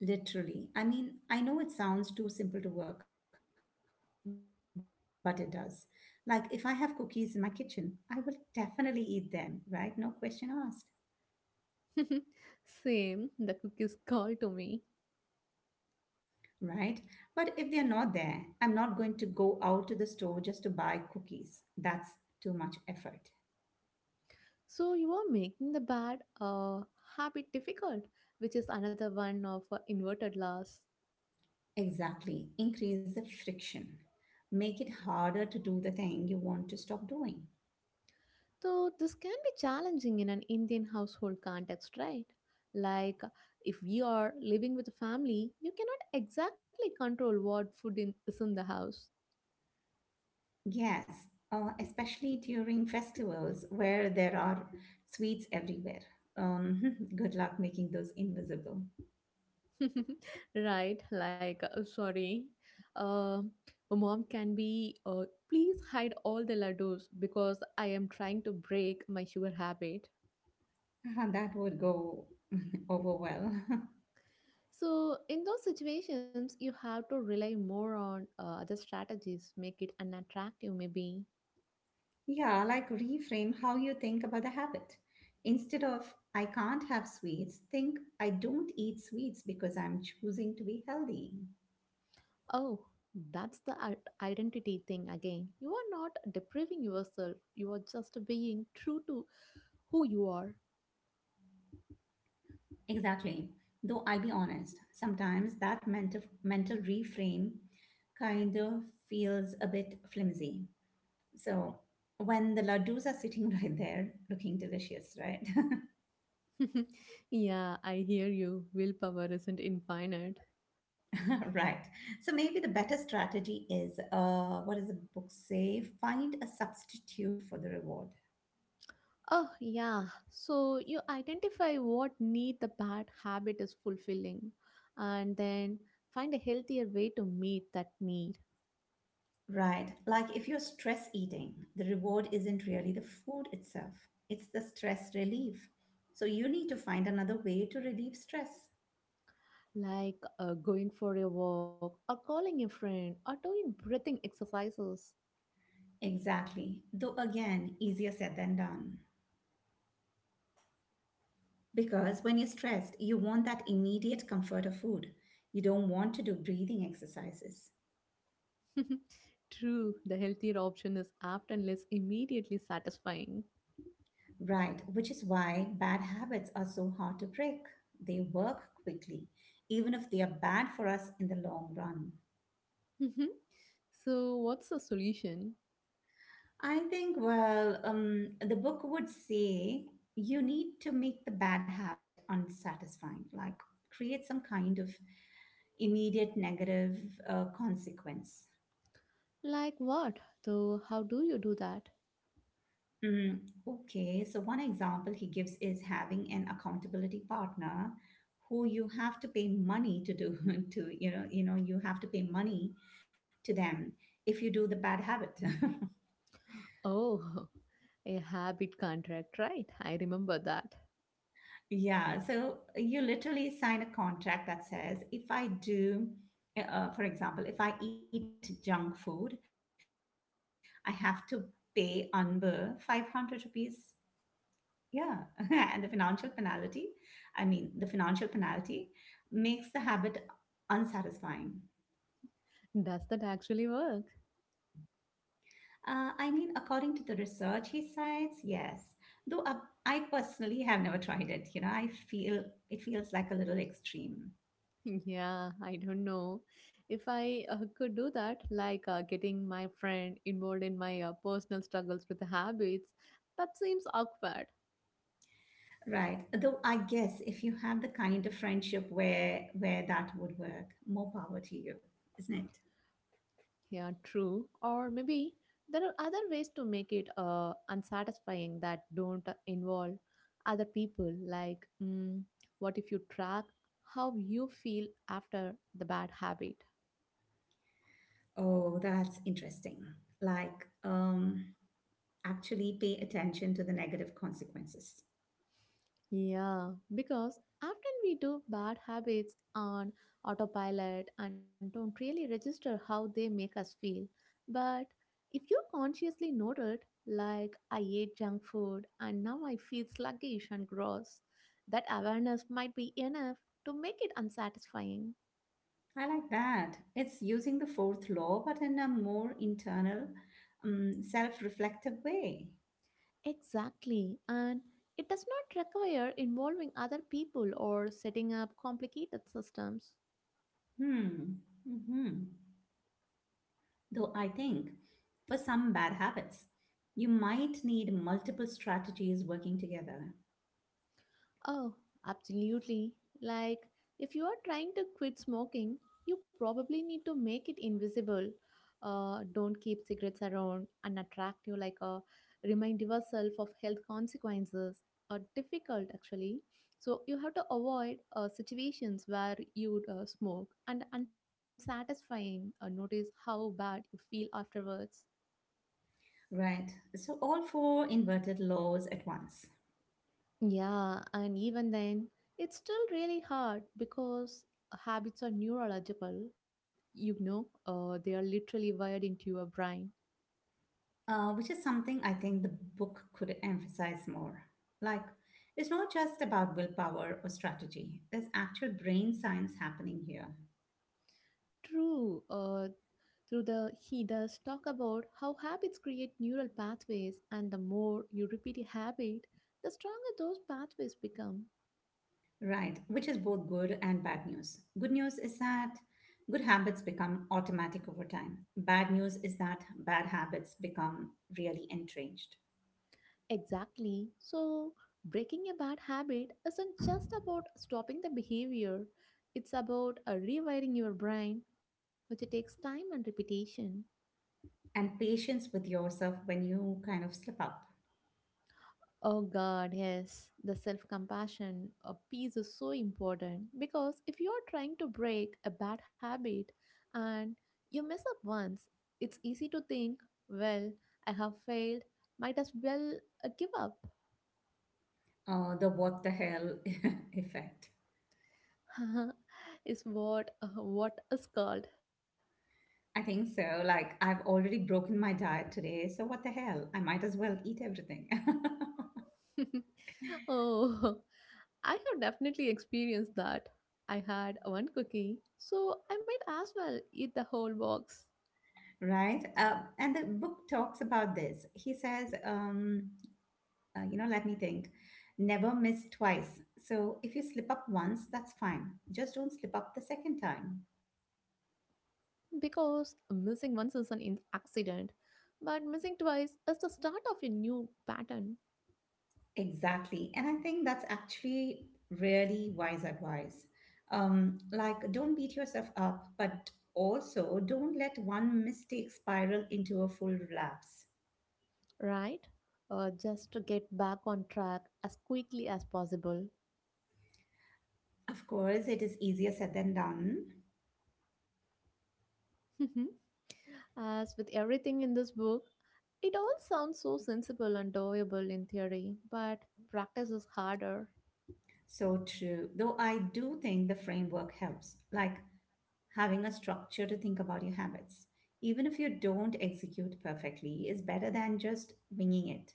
Speaker 1: Literally. I mean, I know it sounds too simple to work, but it does. Like, if I have cookies in my kitchen, I will definitely eat them, right? No question asked,
Speaker 2: *laughs* Same, the cookies *laughs* call to me.
Speaker 1: right? But if they're not there, I'm not going to go out to the store just to buy cookies. That's too much effort.
Speaker 2: So you are making the bad habit difficult, which is another one of inverted laws.
Speaker 1: Exactly. Increase the friction. Make it harder to do the thing you want to stop doing.
Speaker 2: So this can be challenging in an Indian household context, right? Like if you are living with a family, you cannot exactly control is in the house.
Speaker 1: Yes, especially during festivals where there are sweets everywhere. *laughs* Good luck making those invisible.
Speaker 2: *laughs* Right, like sorry, um mom can be, please hide all the laddus because I am trying to break my sugar habit.
Speaker 1: *laughs* That would go *laughs* over well. *laughs*
Speaker 2: So in those situations you have to rely more on other strategies, make it unattractive maybe.
Speaker 1: Yeah, like reframe how you think about the habit. Instead of I can't have sweets, think I don't eat sweets because I'm choosing to be healthy.
Speaker 2: Oh, that's the identity thing again. You are not depriving yourself, you are just being true to who you are.
Speaker 1: Exactly. Though I'll be honest, sometimes that mental reframe kind of feels a bit flimsy. So when the laddus are sitting *laughs* right there, looking delicious, right?
Speaker 2: *laughs* yeah I hear you willpower isn't infinite
Speaker 1: *laughs* Right. So maybe the better strategy is, what does the book say? Find a substitute for the reward.
Speaker 2: Oh, yeah. So you identify what need the bad habit is fulfilling and then find a healthier way to meet that need,
Speaker 1: Right. Like if you're stress eating, the reward isn't really the food itself, it's the stress relief. So you need to find another way to relieve stress.
Speaker 2: like going for a walk or calling a friend or doing breathing exercises.
Speaker 1: Exactly. Though again, easier said than done. Because when you're stressed, you want that immediate comfort of food. You don't want to do breathing exercises.
Speaker 2: *laughs* True, the healthier option is apt and less immediately satisfying. *laughs*
Speaker 1: Right, which is why bad habits are so hard to break. They work quickly, even if they are bad for us in the long run.
Speaker 2: Mhm. So, what's the solution?
Speaker 1: I think, the book would say you need to make the bad habit unsatisfying, like create some kind of immediate negative consequence.
Speaker 2: Like what? So, how do you do that?
Speaker 1: Mm, okay, so one example he gives is having an accountability partner who you have to pay money to do *laughs* to you know you have to pay money to them if you do the bad habit. *laughs*
Speaker 2: Oh, *laughs* a habit contract, right? I remember that.
Speaker 1: Yeah, so you literally sign a contract that says if I do, for example, if I eat junk food, I have to pay Anbu 500 rupees. Yeah, *laughs* and the financial penalty, I mean, the financial penalty makes the habit unsatisfying.
Speaker 2: Does that actually work?
Speaker 1: I mean, according to the research he cites, yes. Though I personally have never tried it. I feel it feels like a little extreme,
Speaker 2: *laughs* Yeah, I don't know. If I could do that, like getting my friend involved in my personal struggles with habits, that seems awkward.
Speaker 1: right? Though I guess if you have the kind of friendship where that would work, more power to you, isn't it?
Speaker 2: Yeah, true. Or maybe there are other ways to make it unsatisfying that don't involve other people. Like, what if you track how you feel after the bad habit?
Speaker 1: Oh, that's interesting. Like, actually pay attention to the negative consequences.
Speaker 2: Yeah, because often we do bad habits on autopilot and don't really register how they make us feel. But if you consciously note it, like I ate junk food and now I feel sluggish and gross, that awareness might be enough to make it unsatisfying.
Speaker 1: I like that. It's using the fourth law, but in a more internal, self-reflective way.
Speaker 2: Exactly, and it does not require involving other people or setting up complicated systems.
Speaker 1: Hmm. Hmm. Though I think for some bad habits, you might need multiple strategies working together.
Speaker 2: Oh, absolutely. Like, if you are trying to quit smoking, you probably need to make it invisible. Don't keep cigarettes around and attract you like a remind yourself of health consequences are difficult actually, so you have to avoid situations where you would smoke, and unsatisfying, notice how bad you feel afterwards.
Speaker 1: Right. So all four inverted laws at once,
Speaker 2: Yeah, and even then, it's still really hard because habits are neurological. You know, they are literally wired into your brain.
Speaker 1: which is something I think the book could emphasize more. Like, it's not just about willpower or strategy. There's actual brain science happening here.
Speaker 2: True. Through the He does talk about how habits create neural pathways, and the more you repeat a habit, the stronger those pathways become.
Speaker 1: Right, which is both good and bad news. Good news is that good habits become automatic over time. Bad news is that bad habits become really entrenched.
Speaker 2: Exactly. So, breaking a bad habit isn't just about stopping the behavior; it's about rewiring your brain, which takes time and repetition.
Speaker 1: And patience with yourself when you kind of slip up.
Speaker 2: Oh God, yes, the self compassion piece is so important because if you're trying to break a bad habit and you mess up once, it's easy to think, well, I have failed, might as well give up.
Speaker 1: The what the hell *laughs* effect.
Speaker 2: *laughs* Is what is called.
Speaker 1: I think so. Like, I've already broken my diet today, so what the hell? I might as well eat everything.
Speaker 2: *laughs* Oh, I have definitely experienced that. I had one cookie, so I might as well eat the whole box.
Speaker 1: *laughs* Right? And the book talks about this. He says, let me think. Never miss twice. So if you slip up once, that's fine. Just don't slip up the second time.
Speaker 2: Because missing once is an accident, but missing twice is the start of a new pattern,
Speaker 1: Exactly. And I think that's actually really wise advice. Like, don't beat yourself up, but also don't let one mistake spiral into a full relapse.
Speaker 2: right? Just to get back on track as quickly as possible.
Speaker 1: Of course, it is easier said than done.
Speaker 2: *laughs* As with everything in this book, it all sounds so sensible and doable in theory, but practice is harder.
Speaker 1: So true. Though I do think the framework helps. Like, having a structure to think about your habits, even if you don't execute perfectly, is better than just winging it.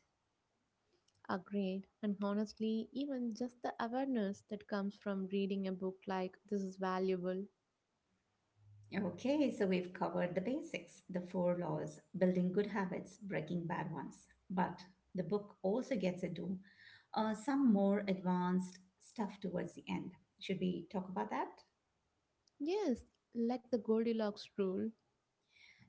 Speaker 2: Agreed. And honestly, even just the awareness that comes from reading a book like this is valuable.
Speaker 1: Okay, so we've covered the basics, the four laws, building good habits, breaking bad ones. But the book also gets into some more advanced stuff towards the end. Should we talk about that?
Speaker 2: Yes, like the Goldilocks rule.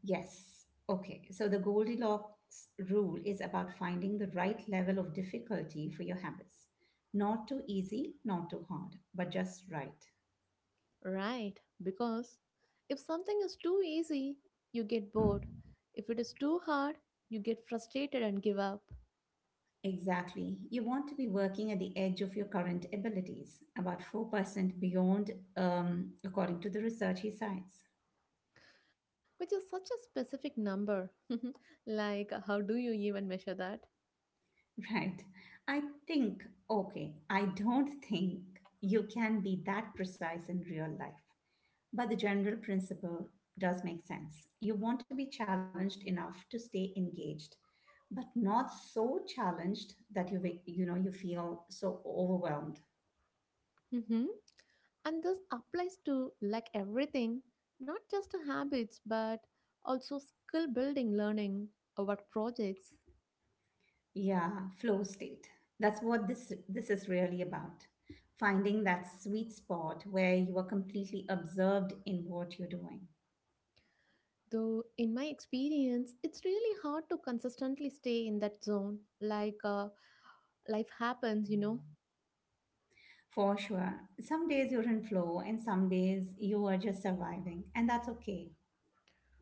Speaker 1: Yes. Okay. So the Goldilocks rule is about finding the right level of difficulty for your habits. Not too easy, not too hard, but just right.
Speaker 2: Right, because if something is too easy, you get bored. If it is too hard, you get frustrated and give up,
Speaker 1: Exactly. You want to be working at the edge of your current abilities, about 4% beyond, according to the research he cites.
Speaker 2: which is such a specific number. *laughs* Like, how do you even measure that?
Speaker 1: *laughs* Right. I think, okay, I don't *laughs* think you can be that precise in real life. But the general principle does make sense. You want to be challenged enough to stay engaged, but not so challenged that you wa- you know you feel so overwhelmed.
Speaker 2: Hmm. And this applies to like everything, not just to habits, but also skill building, learning, or work projects.
Speaker 1: Yeah, flow state. That's what this is really about. Finding that sweet spot where you are completely absorbed in what you're doing.
Speaker 2: Though, in my experience, it's really hard to consistently stay in that zone. Like, life happens, you know.
Speaker 1: For sure. Some days you're in flow and some days you are just surviving, and that's okay.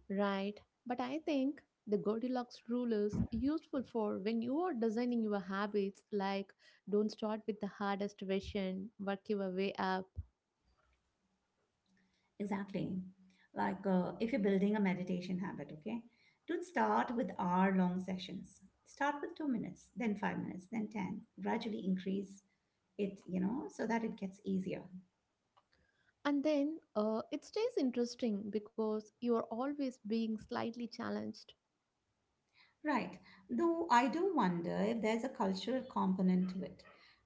Speaker 2: Right, but I think the Goldilocks rule is useful for when you are designing your habits, like don't start with the hardest version, work your way up.
Speaker 1: Exactly. Like if you're building a meditation habit, okay, don't start with hour long sessions. Start with 2 minutes, then 5 minutes, then 10. Gradually increase it, you know, so that it gets easier.
Speaker 2: And then it stays interesting because you are always being slightly challenged.
Speaker 1: Right. Though I do wonder if there's a cultural component to it.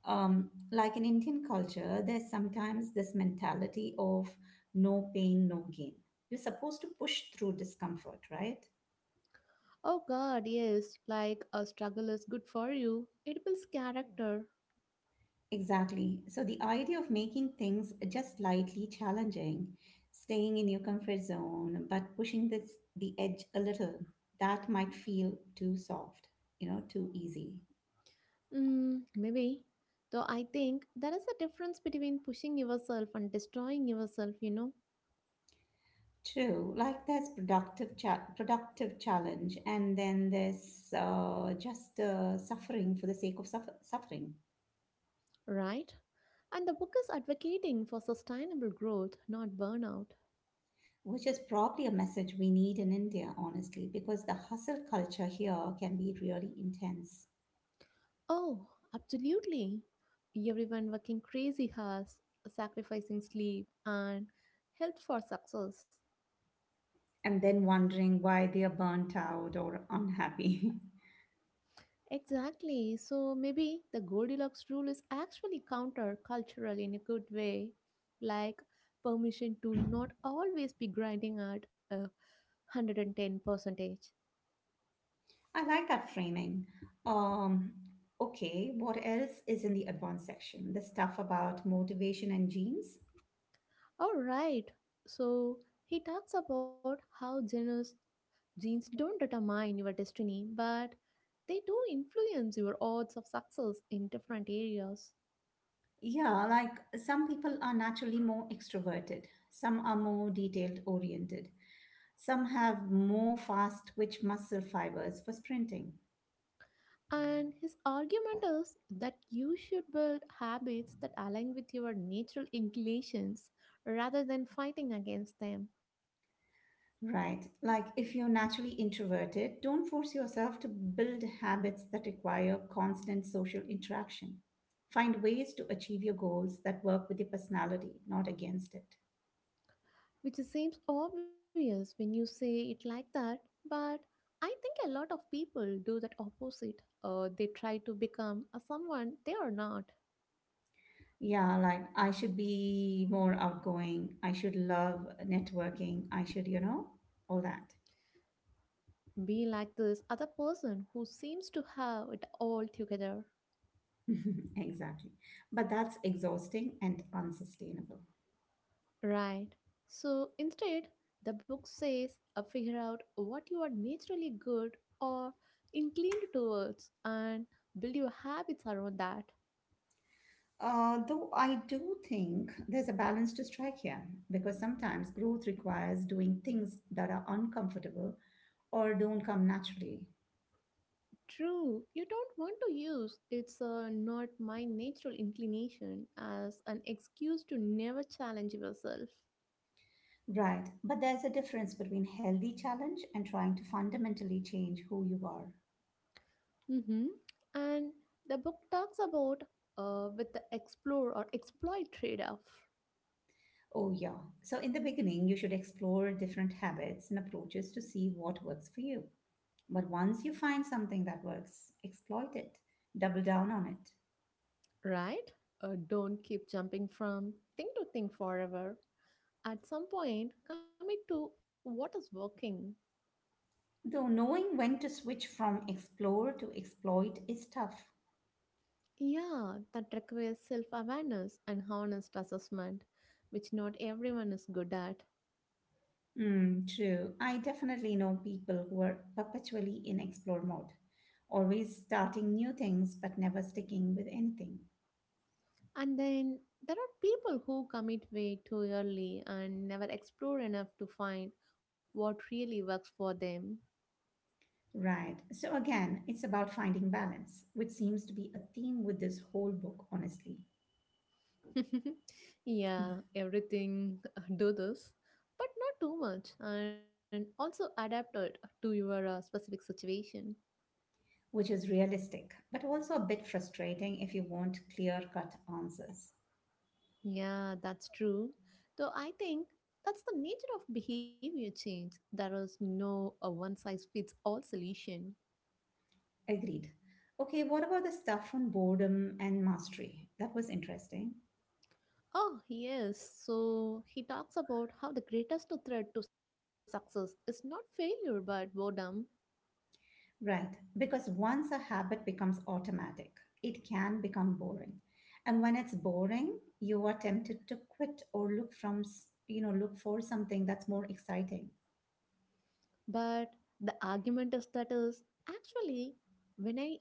Speaker 1: Like in Indian culture, there's sometimes this mentality of no pain, no gain. You're supposed to push through discomfort, right?
Speaker 2: Oh god, yes, like a struggle is good for you, it builds character.
Speaker 1: Exactly. So the idea of making things just slightly challenging, staying in your comfort zone, but pushing this the edge a little, that might feel too soft, you know, too easy.
Speaker 2: Mm, maybe. Though I think there is a difference between pushing yourself and destroying yourself, you know.
Speaker 1: True. Like there's productive challenge, and then there's just suffering for the sake of suffering,
Speaker 2: Right? And the book is advocating for sustainable growth, not burnout.
Speaker 1: which is probably a message we need in India, honestly, because the hustle culture here can be really intense.
Speaker 2: Oh, absolutely. Everyone working crazy hours, sacrificing sleep and health for success.
Speaker 1: And then wondering why they are burnt out or unhappy.
Speaker 2: Exactly. So maybe the Goldilocks rule is actually counter-cultural in a good way, like permission to not always be grinding at a 110 percentage.
Speaker 1: *laughs* I like that framing. Um, okay, what else is in the advanced section? The stuff about motivation and genes?
Speaker 2: All right. So he talks about how generous Genes don't determine your destiny, but they do influence your odds of success in different areas.
Speaker 1: Yeah, like some people are naturally more extroverted, some are more detailed oriented, some have more fast twitch muscle fibers for sprinting.
Speaker 2: And his argument is that you should build habits that align with your natural inclinations rather than fighting against them,
Speaker 1: Right. Like if you're naturally introverted, don't force yourself to build habits that require constant social interaction. Find ways to achieve your goals that work with your personality, not against it.
Speaker 2: which seems obvious when you say it like that, but I think a lot of people do that opposite. They try to become a someone they are not.
Speaker 1: Yeah, like I should be more outgoing. I should love networking. I should, you know, all that.
Speaker 2: Be like this other person who seems to have it all together.
Speaker 1: *laughs* Exactly. But that's exhausting and unsustainable.
Speaker 2: Right. So instead, the book says figure out what you are naturally good or inclined towards and build your habits around that.
Speaker 1: Though I do think there's a balance to strike here because sometimes growth requires doing things that are uncomfortable or don't come naturally.
Speaker 2: True, you don't want to use it's not my natural inclination as an excuse to never challenge yourself.
Speaker 1: Right, but there's a difference between healthy challenge and trying to fundamentally change who you are.
Speaker 2: hmm And the book talks about with the explore or exploit trade off.
Speaker 1: Oh, yeah. So, in the beginning, you should explore different habits and approaches to see what works for you. But once you find something that works, exploit it, double down on it.
Speaker 2: Right? Don't keep jumping from thing to thing forever. At some point, commit to what is working.
Speaker 1: Though knowing when to switch from explore to exploit is tough.
Speaker 2: Yeah, that requires self awareness and honest assessment, which not everyone is good at.
Speaker 1: Mm, true. I definitely know people who are perpetually in explore mode, always starting new things but never sticking with anything.
Speaker 2: And then there are people who commit way too early and never explore enough to find what really works for them.
Speaker 1: Right. So again, it's about finding balance, which seems to be a theme with this whole book, honestly,
Speaker 2: *laughs* Yeah, everything, *laughs* do this, but not too much, and also adapt it to your specific situation.
Speaker 1: which is realistic, but also a bit frustrating if you want clear-cut answers.
Speaker 2: Yeah, that's true. Though I think that's the nature of behavior change. There is no a one size fits all solution.
Speaker 1: Agreed. Okay, what about the stuff on boredom and mastery? That was interesting.
Speaker 2: Oh, yes. So he talks about how the greatest threat to success is not failure but boredom.
Speaker 1: Right, because once a habit becomes automatic, it can become boring. And when it's boring, you are tempted to quit or look from, s- you know, look for something that's more exciting.
Speaker 2: But the argument is that is actually when I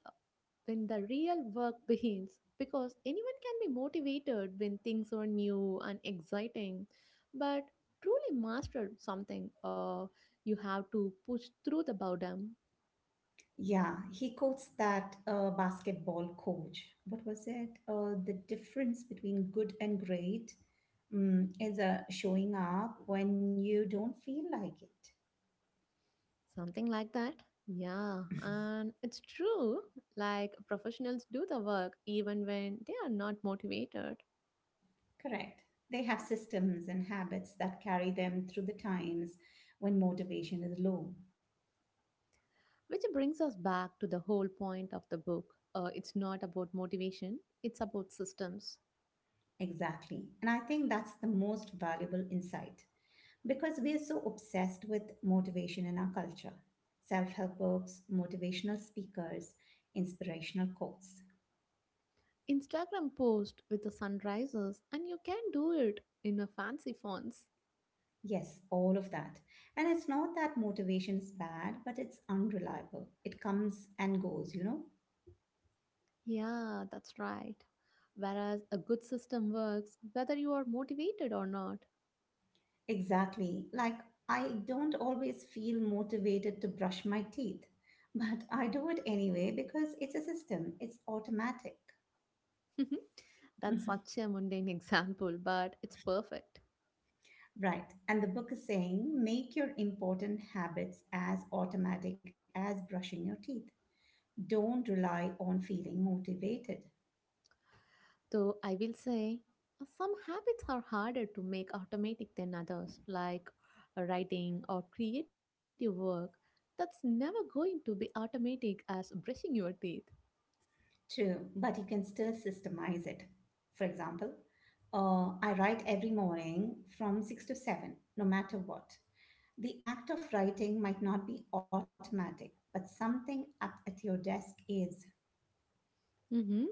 Speaker 2: when the real work begins, because anyone can be motivated when things are new and exciting, but truly master something, you have to push through the boredom.
Speaker 1: Yeah, he quotes that basketball coach. What was it? The difference between good and great is showing up when you don't feel like it.
Speaker 2: Something like that, yeah, and it's true, like professionals do the work even when they are not motivated,
Speaker 1: Correct. They have systems and habits that carry them through the times when motivation is low.
Speaker 2: which brings us back to the whole point of the book. It's not about motivation, it's about systems.
Speaker 1: Exactly. And I think that's the most valuable insight because we are so obsessed with motivation in our culture, self help books, motivational speakers, inspirational quotes.
Speaker 2: Instagram post with the sunrises, and you can do it in a fancy fonts.
Speaker 1: Yes, all of that. And it's not that motivation is bad, but it's unreliable. It comes and goes, you know?
Speaker 2: Yeah, that's right. Whereas a good system works whether you are motivated or not.
Speaker 1: Exactly. Like, I don't always feel motivated to brush my teeth, *laughs* but I do it anyway because it's a system, it's automatic. *laughs*
Speaker 2: *laughs* That's such a mundane *laughs* example, but it's perfect.
Speaker 1: Right. And the book is saying make your important habits as automatic as brushing your teeth. Don't rely on feeling motivated
Speaker 2: Though I will say, some habits are harder to make automatic than others, like writing or creative work. That's never going to be automatic as brushing your teeth.
Speaker 1: to, but you can still systemize it. For example, I write every morning from 6 to 7, no matter what. The act of writing might not be automatic, but something up at your desk is.
Speaker 2: Mm-hmm.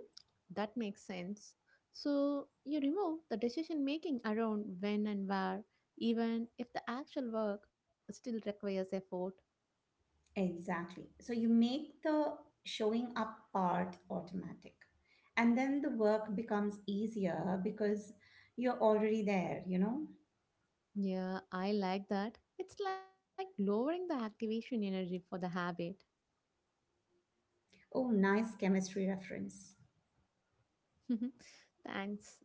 Speaker 2: That makes sense. So you remove the decision making around when and where, even if the actual work still requires effort.
Speaker 1: Exactly. So you make the showing up part automatic. And then the work becomes easier because you're already there, you know?
Speaker 2: Yeah, I like that. It's like lowering the activation energy for the habit.
Speaker 1: Oh, nice chemistry reference.
Speaker 2: *laughs* Thanks.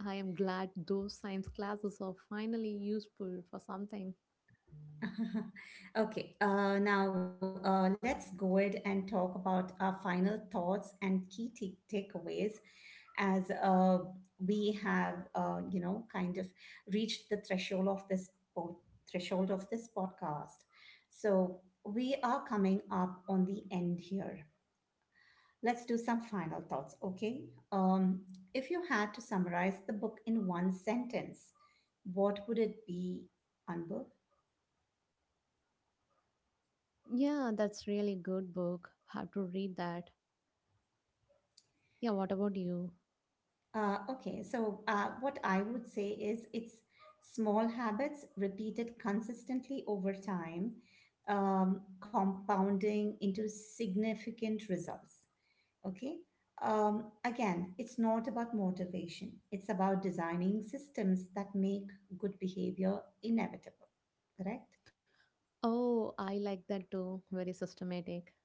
Speaker 2: I am glad those science classes are finally useful for something.
Speaker 1: *laughs* Okay, now let's go ahead and talk about our final thoughts and key takeaways as we have, kind of reached the threshold of this po- threshold of this podcast. So we are coming up on the end here. Let's do some final thoughts, okay? Um, if you had to summarize the book in one sentence, what would it be, Anbu?
Speaker 2: Yeah, that's really good book. Have to read that. Yeah, what about you?
Speaker 1: Okay, so what I would say is it's small habits repeated consistently over time, compounding into significant results. Okay, again, it's not about motivation, it's about designing systems that make good behavior inevitable, correct?
Speaker 2: Oh, I like that too. Very systematic.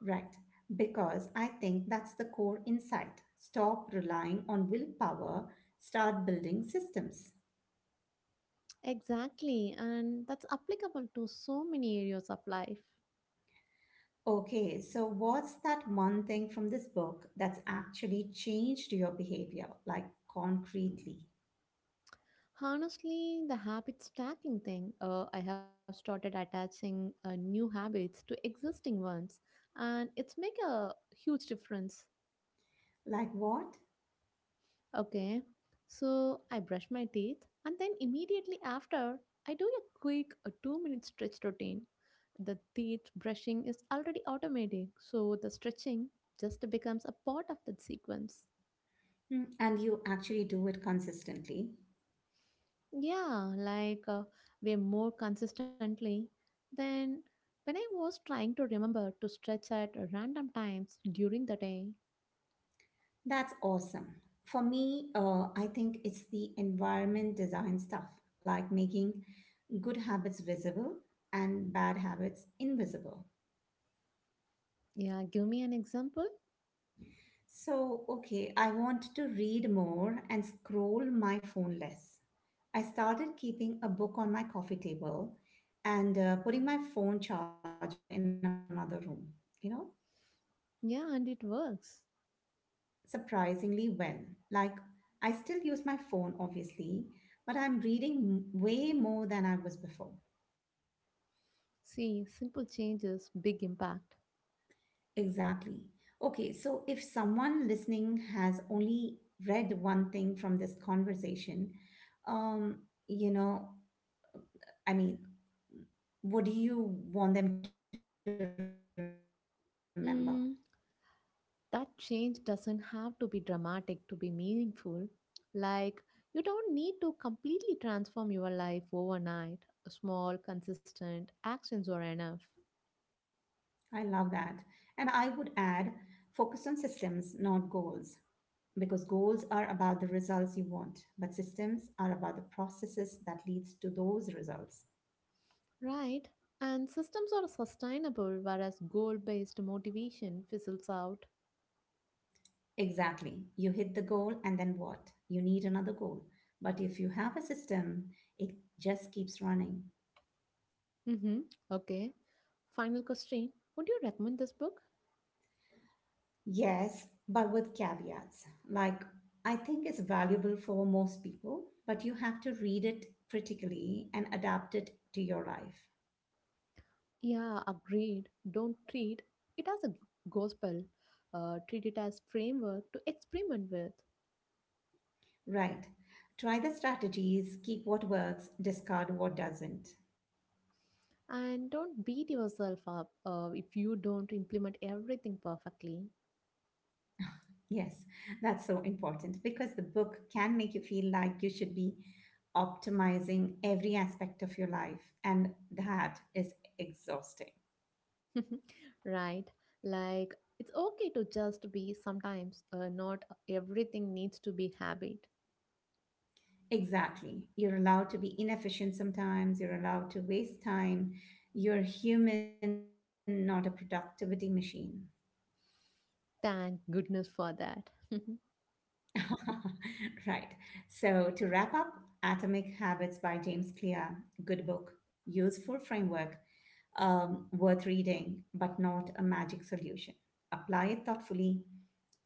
Speaker 1: Right, because I think that's the core insight. Stop relying on willpower, start building systems.
Speaker 2: Exactly. And that's applicable to so many areas of life.
Speaker 1: Okay, so what's that one thing from this book that's actually changed your behavior, like concretely?
Speaker 2: Honestly, the habit stacking thing, I have started attaching new habits to existing ones, and it's make a huge difference.
Speaker 1: Like what?
Speaker 2: Okay, so I brush my teeth and then immediately after, I do a quick a 2 minute stretch routine. The teeth brushing is already automatic, so the stretching just becomes a part of that sequence.
Speaker 1: Hmm, and you actually do it consistently.
Speaker 2: Yeah, like, we're more consistently than when I was trying to remember to stretch at random times during the day.
Speaker 1: That's awesome. For me, I think it's the environment design stuff, like making good habits visible and bad habits invisible.
Speaker 2: Yeah, give me an example.
Speaker 1: So, okay, I want to read more and scroll my phone less. I started keeping a book on my coffee table and putting my phone charger in another room. You know,
Speaker 2: Yeah, and it works.
Speaker 1: surprisingly well. Like, I still use my phone, obviously, but I'm reading way more than I was before.
Speaker 2: See, simple changes, big impact.
Speaker 1: Exactly. Okay, so if someone listening has only read one thing from this conversation, um, you know, I mean, what do you want them to remember?
Speaker 2: Mm, that change doesn't have to be dramatic to be meaningful. Like, you don't need to completely transform your life overnight. Small, consistent actions are enough.
Speaker 1: I love that. And I would add focus on systems, not goals, because goals are about the results you want, but systems are about the processes that leads to those results.
Speaker 2: Right? And systems are sustainable, whereas goal based motivation fizzles out.
Speaker 1: Exactly. You hit the goal and then what? You need another goal. But if you have a system, it just keeps running.
Speaker 2: Mm-hmm. Okay. Final question. Would you recommend this book?
Speaker 1: Yes, but with caveats. Like, I think it's valuable for most people, but you have to read it critically and adapt it to your life.
Speaker 2: Yeah, agreed. Don't treat it as a gospel. Treat it as framework to experiment with.
Speaker 1: Right. Try the strategies, keep what works, discard what doesn't.
Speaker 2: And don't beat yourself up if you don't implement everything perfectly.
Speaker 1: Yes, that's so important because the book can make you feel like you should be optimizing every aspect of your life, and that is exhausting.
Speaker 2: *laughs* Right? Like, it's okay to just be sometimes, not everything needs to be habit.
Speaker 1: Exactly. You're allowed to be inefficient sometimes, you're allowed to waste time. You're human, not a productivity machine.
Speaker 2: Thank goodness for that. *laughs*
Speaker 1: *laughs* Right. So to wrap up, Atomic Habits by James Clear, good book, useful framework, worth reading, but not a magic solution. Apply it thoughtfully,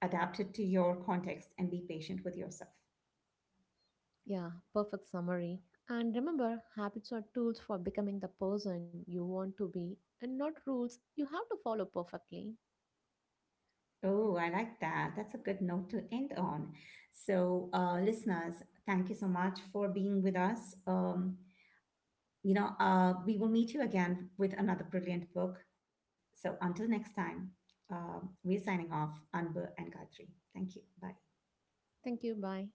Speaker 1: adapt it to your context, and be patient with yourself.
Speaker 2: Yeah, perfect summary. And remember, habits are tools for becoming the person you want to be and not rules you have to follow perfectly.
Speaker 1: Oh, I like that. That's a good note to end on. So, listeners, thank you so much for being with us. We will meet you again with another brilliant book. So, until next time, we're signing off, Anbu and Gayatri. Thank you. Bye.
Speaker 2: Thank you. Bye.